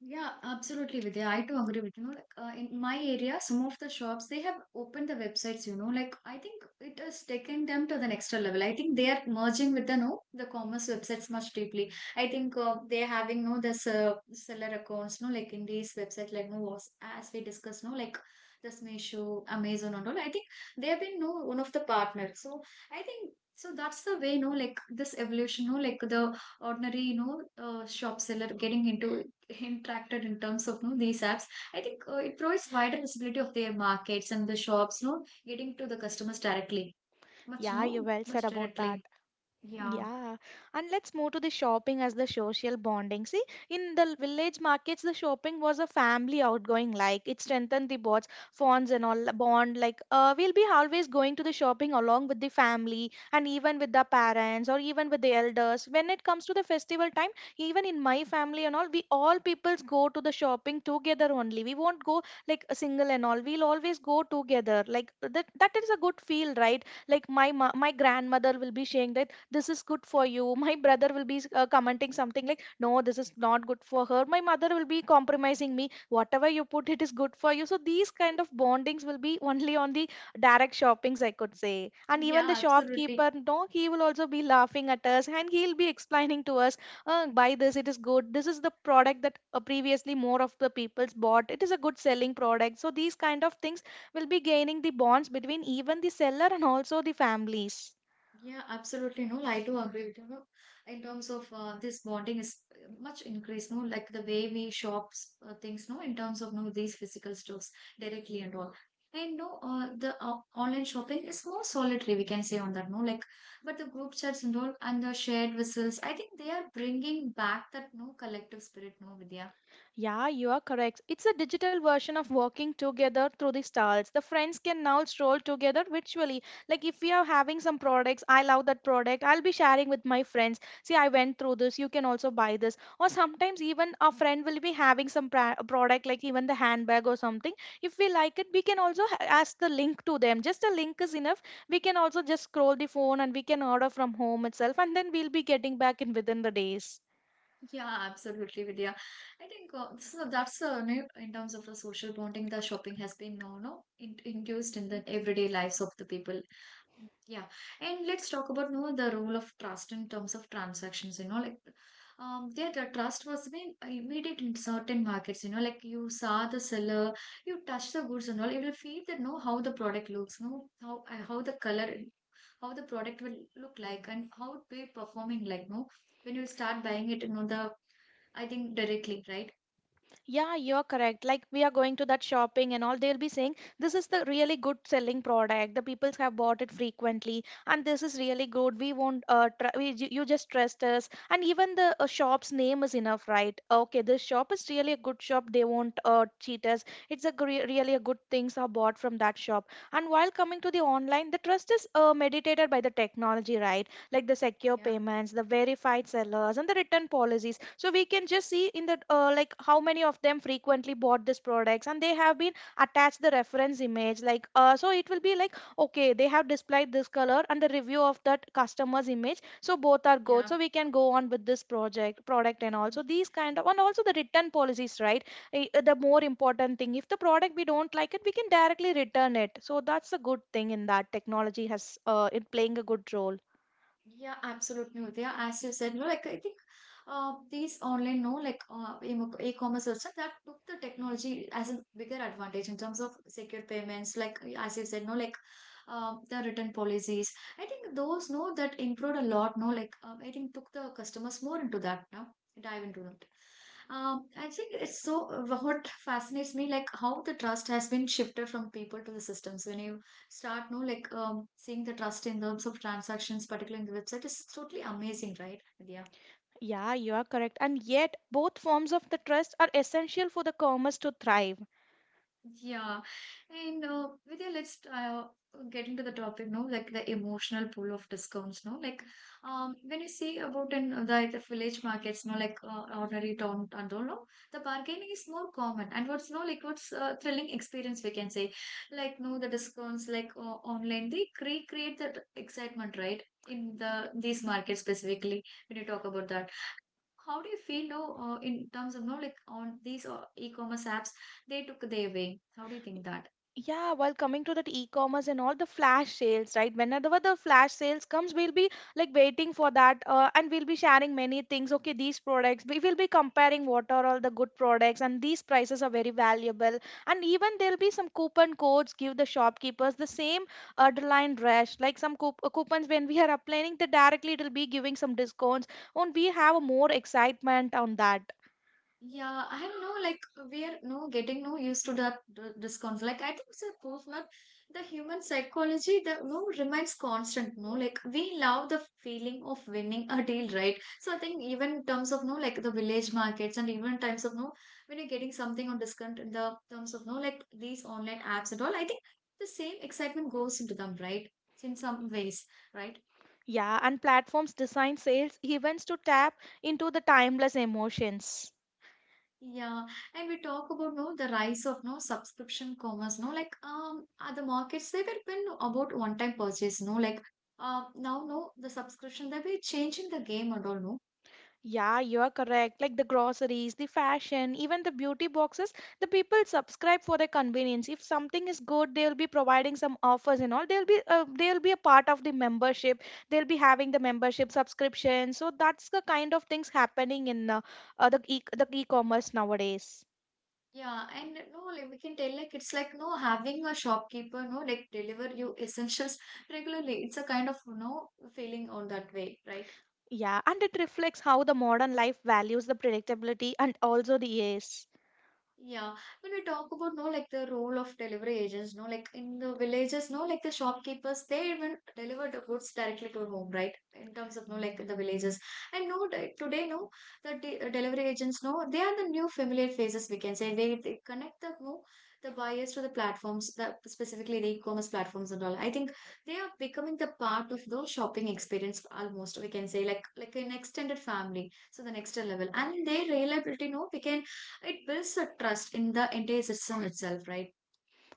Speaker 1: Yeah, absolutely, Vidya. I too agree with you. Know Like, uh, in my area, some of the shops they have opened the websites. You know, like I think it has taken them to the next level. I think they are merging with the no the commerce websites much deeply. I think uh, they're having no the se- seller accounts. No, like in these websites, like no was as we discussed. No, like this Meesho, Amazon, and all. I think they have been no one of the partners. So I think. So that's the way, no, like this evolution, no, like the ordinary, you know, uh, shop seller getting into interacted in terms of you know, these apps I think uh, it provides wider visibility of their markets and the shops you know getting to the customers directly much
Speaker 2: Yeah, you
Speaker 1: no
Speaker 2: well said
Speaker 1: much
Speaker 2: about
Speaker 1: directly
Speaker 2: that.
Speaker 1: yeah
Speaker 2: Yeah, and let's move to the shopping as the social bonding. See, in the village markets, the shopping was a family outgoing. Like it strengthened the bonds, bonds and all bond. Like uh, we'll be always going to the shopping along with the family and even with the parents or even with the elders. When it comes to the festival time, even in my family and all, we all peoples go to the shopping together only. We won't go like a single and all. We'll always go together. Like that, that is a good feel, right? Like my ma- my grandmother will be saying that this is good for you. My brother will be uh, commenting something like no, this is not good for her. My mother will be compromising me whatever you put it is good for you. So these kind of bondings will be only on the direct shoppings, I could say. And even the
Speaker 1: Yeah, absolutely.
Speaker 2: shopkeeper no, he will also be laughing at us and he'll be explaining to us, uh, buy this, it is good. This is the product that uh, previously more of the people's bought. It is a good selling product. So these kind of things will be gaining the bonds between even the seller and also the families.
Speaker 1: Yeah, absolutely. No, I do agree with you. No, in terms of uh, this bonding is much increased. No, like the way we shop uh, things. No, in terms of no these physical stores directly and all. And no, uh, the uh, online shopping is more solitary. We can say on that. No, like but the group chats and all and the shared whistles. I think they are bringing back that no collective spirit. No, Vidya.
Speaker 2: Yeah, you are correct. It's a digital version of working together through the stars. The friends can now stroll together virtually. Like if we are having some products, I love that product. I'll be sharing with my friends. See, I went through this. You can also buy this. Or sometimes even a friend will be having some pra- product, like even the handbag or something. If we like it, we can also ha- ask the link to them. Just a link is enough. We can also just scroll the phone and we can order from home itself, and then we'll be getting back in within the days.
Speaker 1: Yeah, absolutely, Vidya. I think uh, so. That's uh, no- in terms of the social bonding, the shopping has been no, no, in, induced in the everyday lives of the people. Yeah, and let's talk about no the role of trust in terms of transactions. You know, like um, there the trust was being immediate in certain markets. You know, like you saw the seller, you touch the goods and all. You will feel that know how the product looks, know how uh, how the color how the product will look like and how it will be performing like no when you start buying it, you know, the I think directly, right?
Speaker 2: Yeah, you're correct. Like we are going to that shopping and all, they'll be saying this is the really good selling product. The people have bought it frequently, and this is really good. We won't, uh, tr- we, ju- you just trust us. And even the uh, shop's name is enough, right? Okay, this shop is really a good shop. They won't uh, cheat us. It's a gre- really a good things are bought from that shop. And while coming to the online, the trust is uh, mediated by the technology, right? Like the secure
Speaker 1: Yeah,
Speaker 2: payments, the verified sellers, and the return policies. So we can just see in the uh, like how many of them frequently bought these products, and they have been attached the reference image. Like uh, so, it will be like okay, they have displayed this color and the review of that customer's image. So both are good.
Speaker 1: yeah.
Speaker 2: So we can go on with this project product and also these kind of and also the return policies, right? I- uh, The more important thing, if the product we don't like it, we can directly return it. So that's a good thing in that technology has uh, in playing a good role.
Speaker 1: Yeah, absolutely, Udaya. As you said, no, like I think uh, these online, no, like uh, em- e-commerce also that took the technology as a bigger advantage in terms of secure payments. Like as you said, no, like uh, the return policies. I think those, no, that improved a lot. No, like um, I think took the customers more into that now. Dive into that. Um, I think it's so uh, what fascinates me, like how the trust has been shifted from people to the systems. When you start no like um, seeing the trust in terms of transactions particularly in the website is totally amazing, right? Yeah.
Speaker 2: Yeah, you are correct. And yet, both forms of the trust are essential for the commerce to thrive.
Speaker 1: Yeah, and uh, Vidya, let's uh, get into the topic now, like the emotional pull of discounts. No, like um, when you see about in uh, like the village markets, no, like uh, ordinary town and all, no, the bargaining is more common, and what's no like what's uh, thrilling experience we can say, like no the discounts like uh, online they recreate that excitement, right, in the these markets specifically when you talk about that. How do you feel though, uh, in terms of no like on these uh, e-commerce apps, they took their way? How do you think that?
Speaker 2: Yeah, while coming to that e-commerce and all the flash sales, right? Whenever the flash sales comes, we'll be like waiting for that, uh, and we'll be sharing many things. Okay, these products, we will be comparing what are all the good products, and these prices are very valuable. And even there'll be some coupon codes give the shopkeepers the same underlying rush, like some coup- uh, coupons when we are applying, the directly it'll be giving some discounts, and we have more excitement on that.
Speaker 1: Yeah, I know, like we're no getting no used to that d- discount. Like I think it's a proof that the human psychology that no remains constant. No, like we love the feeling of winning a deal, right? So I think even in terms of no, like the village markets, and even in terms of no, when you're getting something on discount in the terms of no, like these online apps and all, I think the same excitement goes into them, right? In some ways, right?
Speaker 2: Yeah, and platforms design sales events to tap into the timeless emotions.
Speaker 1: Yeah, and we talk about no the rise of no subscription commerce, no like um at the markets they were been about one time purchase, no like um now no the subscription they were changing the game and all, no.
Speaker 2: Yeah, you're correct. Like the groceries, the fashion, even the beauty boxes, the people subscribe for their convenience. If something is good, they'll be providing some offers and all. They'll be uh, they'll be a part of the membership. They'll be having the membership subscription. So that's the kind of things happening in uh, uh, the e- the e-commerce nowadays.
Speaker 1: Yeah, and no like we can tell like it's like no having a shopkeeper no like deliver you essentials regularly, it's a kind of no feeling on that way, right?
Speaker 2: Yeah, and it reflects how the modern life values the predictability and also the ease.
Speaker 1: Yeah, when we talk about no like the role of delivery agents, no like in the villages, no like the shopkeepers, they even deliver the goods directly to home, right? In terms of no like the villages, and no di- today no the de- uh, delivery agents, no they are the new familiar faces we can say. They, they connect the no the buyers to the platforms, the specifically the e-commerce platforms and all. I think they are becoming the part of the shopping experience almost we can say like like an extended family, so the next level, and their reliability, no we can it builds a trust in the entire system itself, right?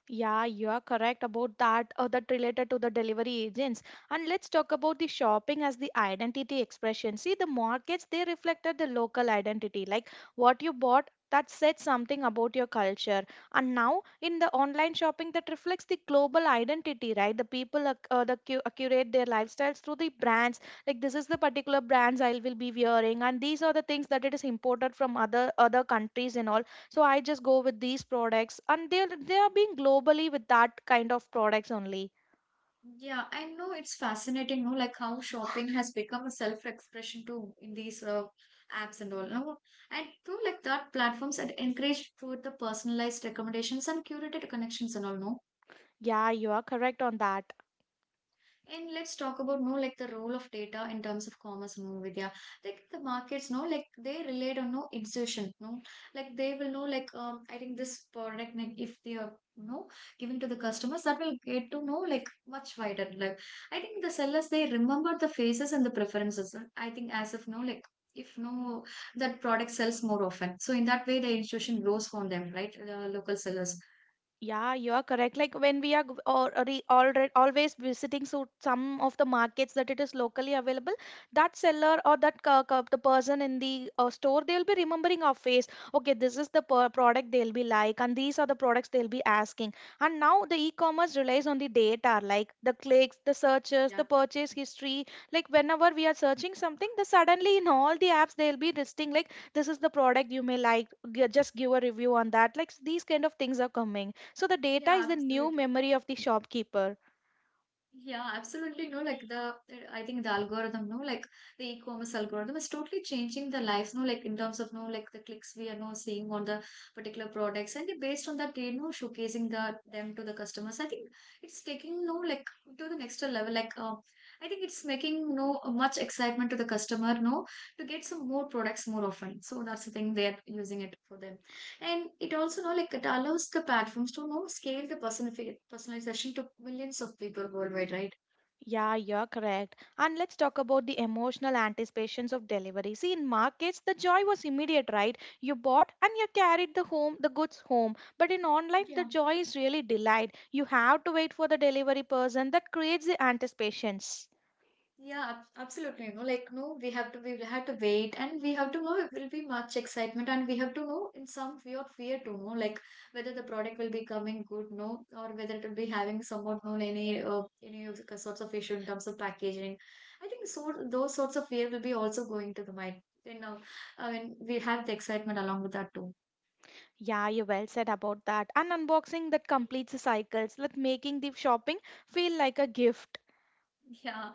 Speaker 2: Yeah, you are correct about that, uh, that related to the delivery agents. And let's talk about the shopping as the identity expression. See, the markets, they reflected the local identity, like what you bought that said something about your culture. And now in the online shopping, that reflects the global identity, right? The people ac- uh, the cu- uh, curate their lifestyles through the brands. Like this is the particular brands I will be wearing, and these are the things that it is imported from other other countries and all. So I just go with these products, and they are they are being globally with that kind of products only.
Speaker 1: Yeah, I know it's fascinating, no? Like how shopping has become a self-expression too in these uh, apps and all. No, I too like that platforms had encouraged through the personalized recommendations and curated connections and all. No,
Speaker 2: Yeah, you are correct on that.
Speaker 1: and let's talk about no like the role of data in terms of commerce, no, Vidya. Like the markets, no like they relied on no insertion, no like they will know like um I think this product like if they are, you know, given to the customers that will get to know like much wider. Like I think the sellers they remember the faces and the preferences. uh, I think as if no like if no that product sells more often. So in that way the insertion grows from them, right? The local sellers.
Speaker 2: Yeah, you are correct. Like when we are or already always visiting so some of the markets that it is locally available, that seller or that c- c- the person in the uh, store they will be remembering our face. Okay, this is the per- product they'll be like, and these are the products they'll be asking. And now the e-commerce relies on the data, like the clicks, the searches,
Speaker 1: Yeah.
Speaker 2: the purchase history. Like whenever we are searching something, the suddenly in all the apps they'll be listing like this is the product you may like. G- Just give a review on that. Like these kind of things are coming, so the data is
Speaker 1: Yeah,
Speaker 2: the new
Speaker 1: absolutely.
Speaker 2: memory of the shopkeeper.
Speaker 1: Yeah, absolutely. No, like the I think the algorithm, no, like the e-commerce algorithm is totally changing the lives, no, like in terms of no, like the clicks we are now seeing on the particular products, and based on that, you know, showcasing the them to the customers. I think it's taking no, like to the next level. Like, uh, I think it's making no much excitement to the customer, no, to get some more products more often. So that's the thing they are using it for them. And it also know like it allows the platforms to know scale the personifi- personalization to millions of people worldwide, right?
Speaker 2: Yeah, you're correct. And let's talk about the emotional anticipations of delivery. See, in markets, the joy was immediate, right? You bought and you carried the home, the goods home. But in online, the
Speaker 1: Yeah.
Speaker 2: joy is really delayed. You have to wait for the delivery person. That creates the anticipations.
Speaker 1: Yeah, ab- absolutely. You know, like no, we have to we have to wait, and we have to know it will be much excitement, and we have to know in some weird fear to know like whether the product will be coming good, no, or whether it will be having somewhat no any uh, any of the sorts of issue in terms of packaging. I think so. Those sorts of fear will be also going to the mind. You know, I mean, we have the excitement along with that too.
Speaker 2: Yeah, you well said about that. And unboxing that completes the cycles, like making the shopping feel like a gift.
Speaker 1: Yeah,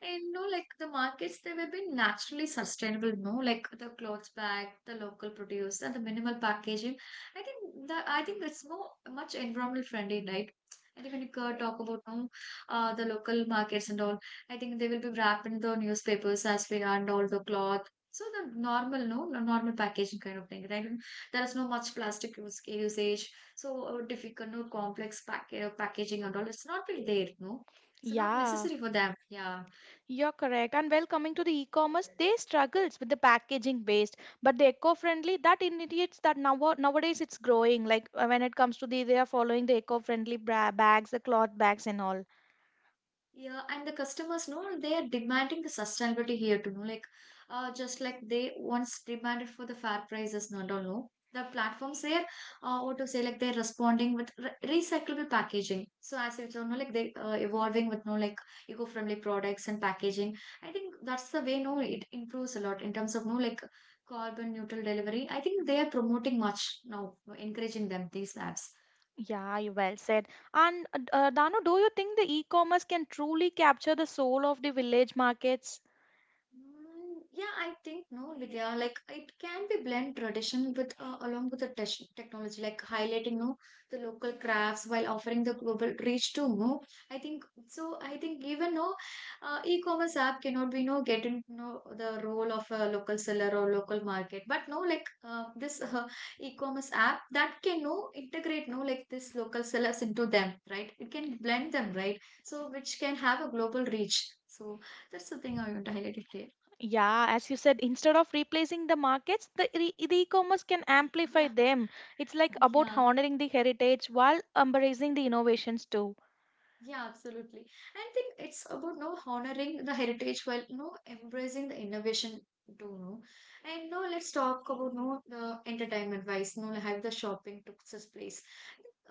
Speaker 1: and no, like the markets, they were being naturally sustainable, no, like the clothes bag, the local produce, and the minimal packaging. I think that I think that's more much environmental friendly, right? I think when you co- talk about no, uh, the local markets and all, I think they will be wrapped in the newspapers as we are and all the cloth. So the normal, no, the normal packaging kind of thing, right? There is no much plastic use, usage, so uh, difficult, no complex pack, uh, packaging and all. It's not really there, no. It's not
Speaker 2: Yeah.
Speaker 1: necessary for them. Yeah.
Speaker 2: You're correct. And well, coming to the e-commerce, they struggles with the packaging based, but the eco-friendly that indicates that now nowadays it's growing. Like uh, when it comes to the, they are following the eco-friendly bra- bags, the cloth bags, and all.
Speaker 1: Yeah. And the customers know they are demanding the sustainability here to know, like, uh, just like they once demanded for the fair prices, not all know. The platforms here, uh, what to say, like they're responding with re- recyclable packaging. So as it's, you know, like they uh, evolving with no like eco-friendly products and packaging. I think that's the way. No, it improves a lot in terms of no like carbon neutral delivery. I think they are promoting much now, encouraging them these apps.
Speaker 2: Yeah, you well said. And uh, uh, Danu, do you think the e-commerce can truly capture the soul of the village markets?
Speaker 1: Mm, yeah, I think no, Vidya. Like it can be blend tradition with uh, along with the tech- technology, like highlighting no the local crafts while offering the global reach to no. I think so. I think even no uh, e-commerce app cannot be no getting no the role of a local seller or local market, but no like uh, this uh, e-commerce app that can no integrate no like this local sellers into them, right? It can blend them, right? So which can have a global reach. So that's the thing I want to highlight it here.
Speaker 2: Yeah, as you said, instead of replacing the markets, the, re- the e-commerce can amplify
Speaker 1: 呀，
Speaker 2: them. It's like
Speaker 1: 你
Speaker 2: about
Speaker 1: 想，
Speaker 2: honoring the heritage while embracing the innovations too.
Speaker 1: Yeah, absolutely. I think it's about no honoring the heritage while no embracing the innovation too, no. And no, let's talk about no the entertainment wise, no like how the shopping took this place.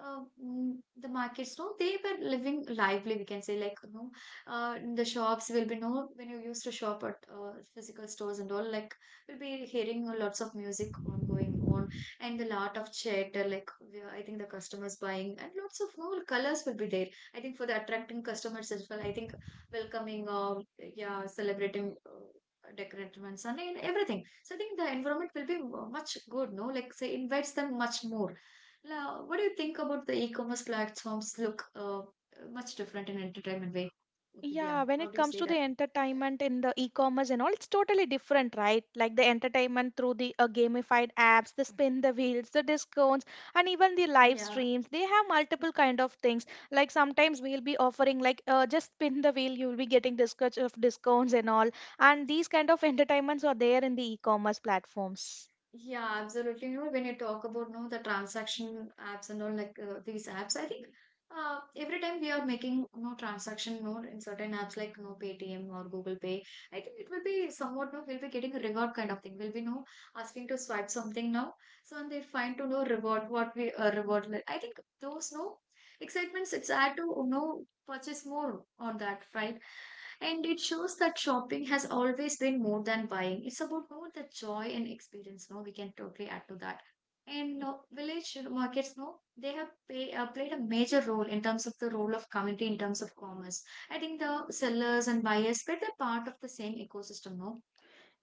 Speaker 1: Uh, mm, the markets, no, they were living lively. We can say like no, uh, the shops will be no when you used to shop at uh, physical stores and all. Like we'll be hearing lots of music on going on, and the lot of chatter. Like we- I think the customers buying and lots of no colors will be there I think for the attracting customers as well. I think welcoming, uh, yeah, celebrating, uh, decorative and sun and everything. So I think the environment will be mu- much good. No, like say invites them much more. Now, what do you think about the e-commerce platforms? Look, uh, much different in entertainment way. Vidya,
Speaker 2: Yeah, when
Speaker 1: how
Speaker 2: it
Speaker 1: do you
Speaker 2: comes
Speaker 1: say
Speaker 2: to the
Speaker 1: that?
Speaker 2: entertainment in the e-commerce and all, it's totally different, right? Like the entertainment through the uh, gamified apps, the spin the wheels, the discounts, and even the live
Speaker 1: Yeah.
Speaker 2: streams. They have multiple kind of things. Like sometimes we'll be offering like uh, just spin the wheel, you'll be getting this much of discounts and all. And these kind of entertainments are there in the e-commerce platforms.
Speaker 1: Yeah, absolutely. You know, when you talk about no the transaction apps and all like uh, these apps, I think uh, every time we are making no transaction no in certain apps like no Paytm or Google Pay, I think it will be somewhat no we'll be getting a reward kind of thing. We'll be no asking to swipe something now, so and they find to know reward what we uh, reward. Like, I think those no excitements it's add to you know purchase more on that right and it shows that shopping has always been more than buying. It's about more the joy and experience. No, we can totally add to that. And uh, village markets, no, they have pay, uh, played a major role in terms of the role of community, in terms of commerce. I think the sellers and buyers, but they're part of the same ecosystem, no?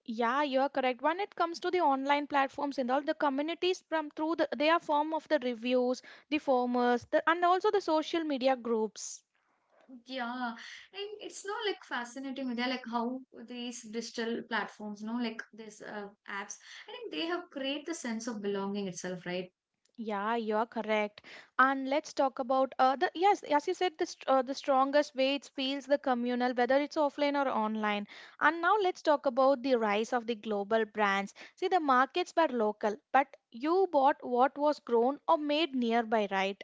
Speaker 2: Yeah, you're correct. When it comes to the online platforms and all, the communities from through the, their form of the reviews, the formers, the, and also the social media groups.
Speaker 1: Yeah, and it's not like fascinating with like how these digital platforms, no, like these uh, apps. I think they have created the sense of belonging itself, right?
Speaker 2: Yeah, you're correct. And let's talk about uh, the yes, as you said, the st- uh, the strongest way it feels the communal, whether it's offline or online. And now let's talk about the rise of the global brands. See, the markets were local, but you bought what was grown or made nearby, right?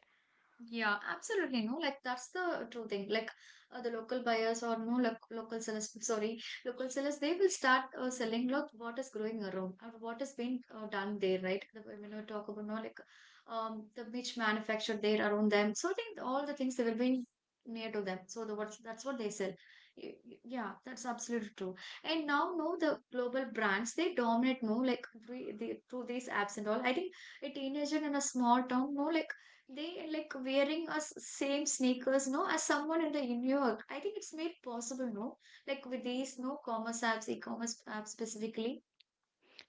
Speaker 1: Yeah, absolutely. No, like that's the true thing. Like uh, the local buyers or no like, local sellers, sorry, local sellers, they will start uh, selling lot what is growing around or what is being uh, done there, right? The, when we talk about no like um the which manufactured there around them, so I think all the things they will be near to them. So the what's that's what they sell. Y- y- Yeah, that's absolutely true. And now, no, the global brands they dominate. No, like we, they, through these apps and all. I think a teenager in a small town, no, like they like wearing us same sneakers, no, as someone in the New York. I think it's made possible, no, like with these no commerce apps, e-commerce apps specifically.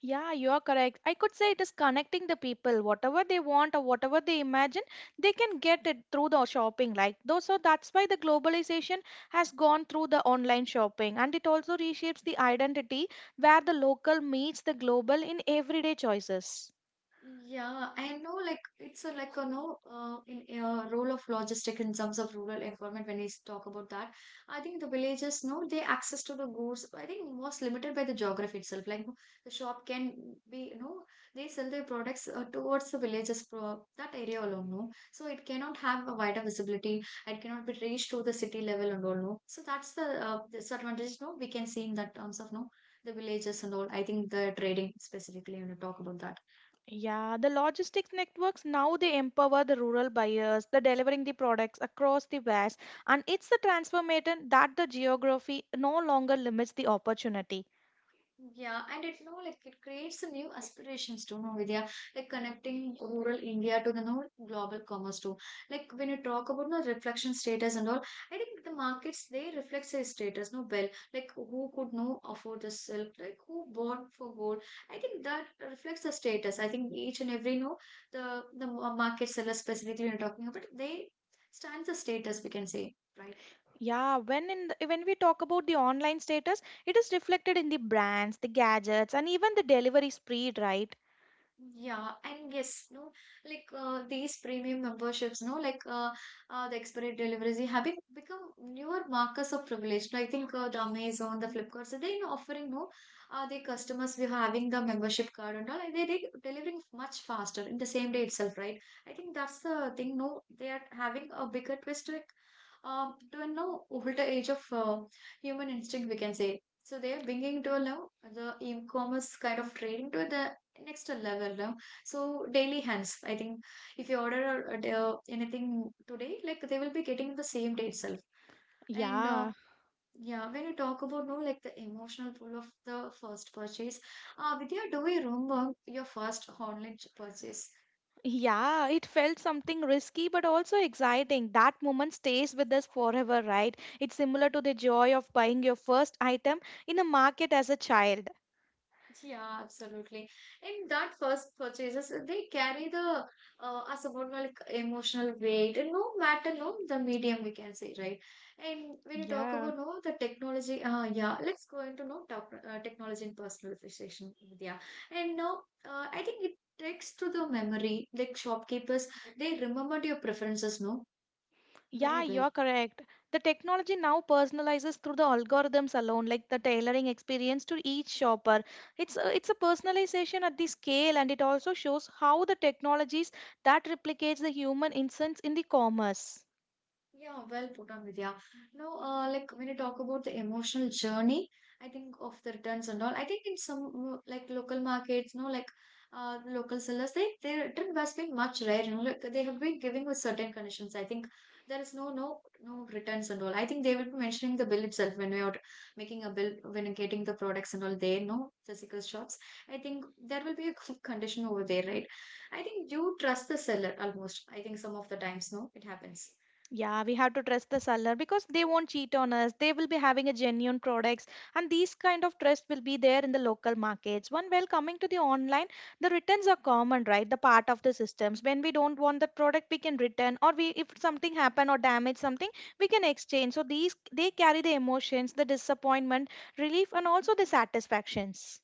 Speaker 2: Yeah, you are correct. I could say it is connecting the people. Whatever they want or whatever they imagine, they can get it through the shopping. Like though, so that's why the globalization has gone through the online shopping, and it also reshapes the identity where the local meets the global in everyday choices.
Speaker 1: Yeah, I know like it's a like a no uh, in uh, role of logistic in terms of rural environment when we talk about that. I think the villages no they access to the goods I think most limited by the geography itself. Like no, the shop can be you know they sell their products uh, towards the villages pro that area alone no. So it cannot have a wider visibility. It cannot be reached to the city level and all no. So that's the uh, disadvantage no we can see in that terms of no the villages and all. I think the trading specifically when you know, talk about that.
Speaker 2: Yeah, the logistics networks now they empower the rural buyers, the delivering the products across the vast, and it's the transformation that the geography no longer limits the opportunity.
Speaker 1: Yeah, and it's no like it creates a new aspirations to know Vidya, like connecting rural India to the no global commerce too. Like when you talk about no reflection status and all, I think the markets they reflect their status no well. Like who could no afford the silk, like who bought for gold. I think that reflects the status. I think each and every no the the market seller specifically you're talking about they stands the status we can say, right?
Speaker 2: Yeah, when in the, when we talk about the online status, it is reflected in the brands, the gadgets, and even the delivery speed, right?
Speaker 1: Yeah, and yes, no, like uh, these premium memberships, no, like uh, uh, the expedited deliveries they have been- become newer markers of privilege. No, I think uh, the Amazon, the Flipkart, so they are offering no, uh, the customers we are having the membership card and all, and they they delivering much faster in the same day itself, right? I think that's the thing. No, they are having a bigger twist, like um, to a now older age of uh, human instinct, we can say. So they are bringing to a now the e-commerce kind of trading to the next level no? So daily hands I think if you order a- a d- uh, anything today like they will be getting the same day itself and uh,
Speaker 2: Yeah,
Speaker 1: yeah when you talk about no like the emotional pull of the first purchase uh Vidya do you remember your first online ch- purchase
Speaker 2: yeah, it felt something risky but also exciting. That moment stays with us forever, right? It's similar to the joy of buying your first item in a market as a child.
Speaker 1: Yeah, absolutely. In that first purchases, they carry the uh, a somewhat like emotional weight, and no matter no the medium we can say, right? And when you talk
Speaker 2: Yeah.
Speaker 1: about no the technology, uh, yeah, let's go into no top, uh, technology and personalization, Vidya. And now, uh, I think it takes to the memory, like shopkeepers, they remembered your preferences, no, very
Speaker 2: Yeah,
Speaker 1: well.
Speaker 2: you're correct. The technology now personalizes through the algorithms alone, like the tailoring experience to each shopper. It's a, it's a personalization at the scale, and it also shows how the technologies that replicates the human insights in the commerce.
Speaker 1: Yeah, well put on Vidya. No, uh, like when you talk about the emotional journey, I think of the returns and all. I think in some mm, like local markets, no, like uh, local sellers, they their return has been much rare. You know, like they have been giving with certain conditions. I think there is no no no returns and all. I think they will be mentioning the bill itself when we are making a bill when getting the products and all. They no physical shops. I think there will be a condition over there, right? I think you trust the seller almost. I think some of the times, no, it happens.
Speaker 2: Yeah, we have to trust the seller because they won't cheat on us. They will be having a genuine products and these kind of trust will be there in the local markets. One while coming to the online, the returns are common, right? The part of the systems. When we don't want the product, we can return or we if something happen or damage something, we can exchange. So these they carry the emotions, the disappointment, relief and also the satisfactions.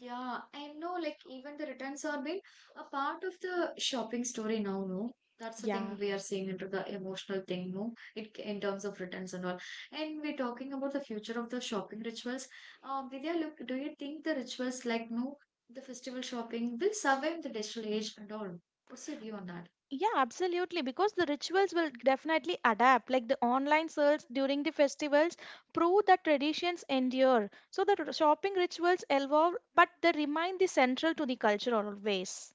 Speaker 1: Yeah, I know, like, even the returns are being a part of the shopping story now, no? That's the thing
Speaker 2: Yeah.
Speaker 1: we are seeing into the emotional thing, no? It in terms of returns and all. And we're talking about the future of the shopping rituals. Uh, Vidya, look, do you think the rituals like, no, the festival shopping will survive the digital age and all? What's your view on that?
Speaker 2: Yeah, absolutely. Because the rituals will definitely adapt. Like the online sales during the festivals prove that traditions endure. So the r- shopping rituals evolve, but they remain the central to the culture always.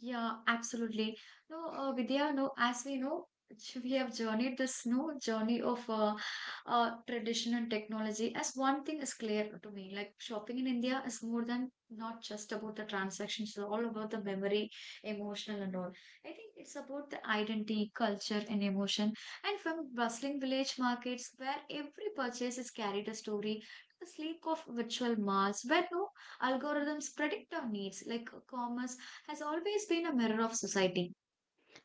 Speaker 1: Yeah, absolutely. No, uh, Vidya, no, as we know, j- we have journeyed this no journey of uh, uh, tradition and technology. As one thing is clear to me, like shopping in India is more than not just about the transactions, it's all about the memory, emotional, and all. I think it's about the identity, culture, and emotion. And from bustling village markets where every purchase is carried a story, to the sleek of virtual malls where no algorithms predict our needs, like commerce has always been a mirror of society.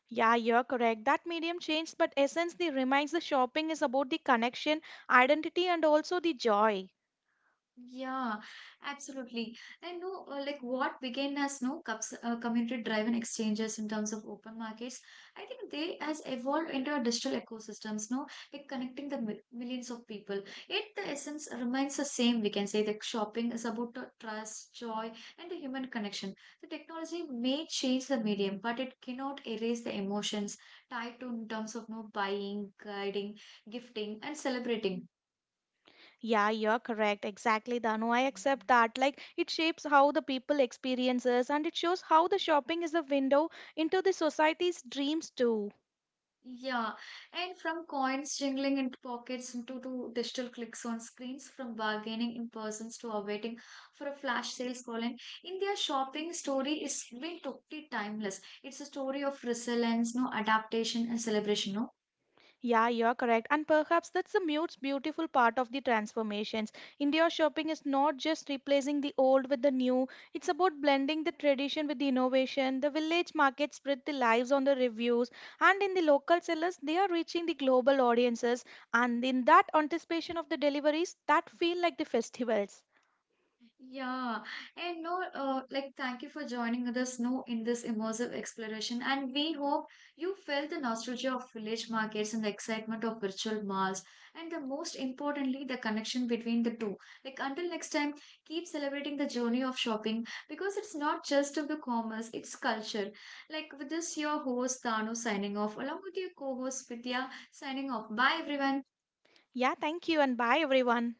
Speaker 2: Yeah, you're correct. That medium changed, but essence the remains the shopping is about the connection, identity, and also the joy.
Speaker 1: Yeah, absolutely. And no, uh, like what began as no cups, uh, community-driven exchanges in terms of open markets, I think they has evolved into a digital ecosystems. No, like connecting the mil- millions of people. Yet the essence remains the same. We can say that shopping is about the trust, joy, and the human connection. The technology may change the medium, but it cannot erase the emotions tied to in terms of no buying, guiding, gifting, and celebrating.
Speaker 2: Yeah, you're correct. Exactly, Danu. I accept that. Like it shapes how the people experiences and it shows how the shopping is a window into the society's dreams too.
Speaker 1: Yeah, and from coins jingling into pockets into to digital clicks on screens, from bargaining in persons to awaiting for a flash sales call in, India shopping story is been totally timeless. It's a story of resilience, no adaptation and celebration, no.
Speaker 2: Yeah, you're correct. And perhaps that's the mute's beautiful part of the transformations. Indoor shopping is not just replacing the old with the new, it's about blending the tradition with the innovation. The village markets spread the lives on the reviews, and in the local sellers, they are reaching the global audiences. And in that anticipation of the deliveries, that feel like the festivals.
Speaker 1: Yeah, and no, uh, like thank you for joining with us, no, in this immersive exploration. And we hope you felt the nostalgia of village markets and the excitement of virtual malls, and the most importantly, the connection between the two. Like until next time, keep celebrating the journey of shopping because it's not just of the commerce, it's culture. Like with this, your host Tanu signing off, along with your co-host Vidya signing off. Bye, everyone.
Speaker 2: Yeah, thank you, and bye, everyone.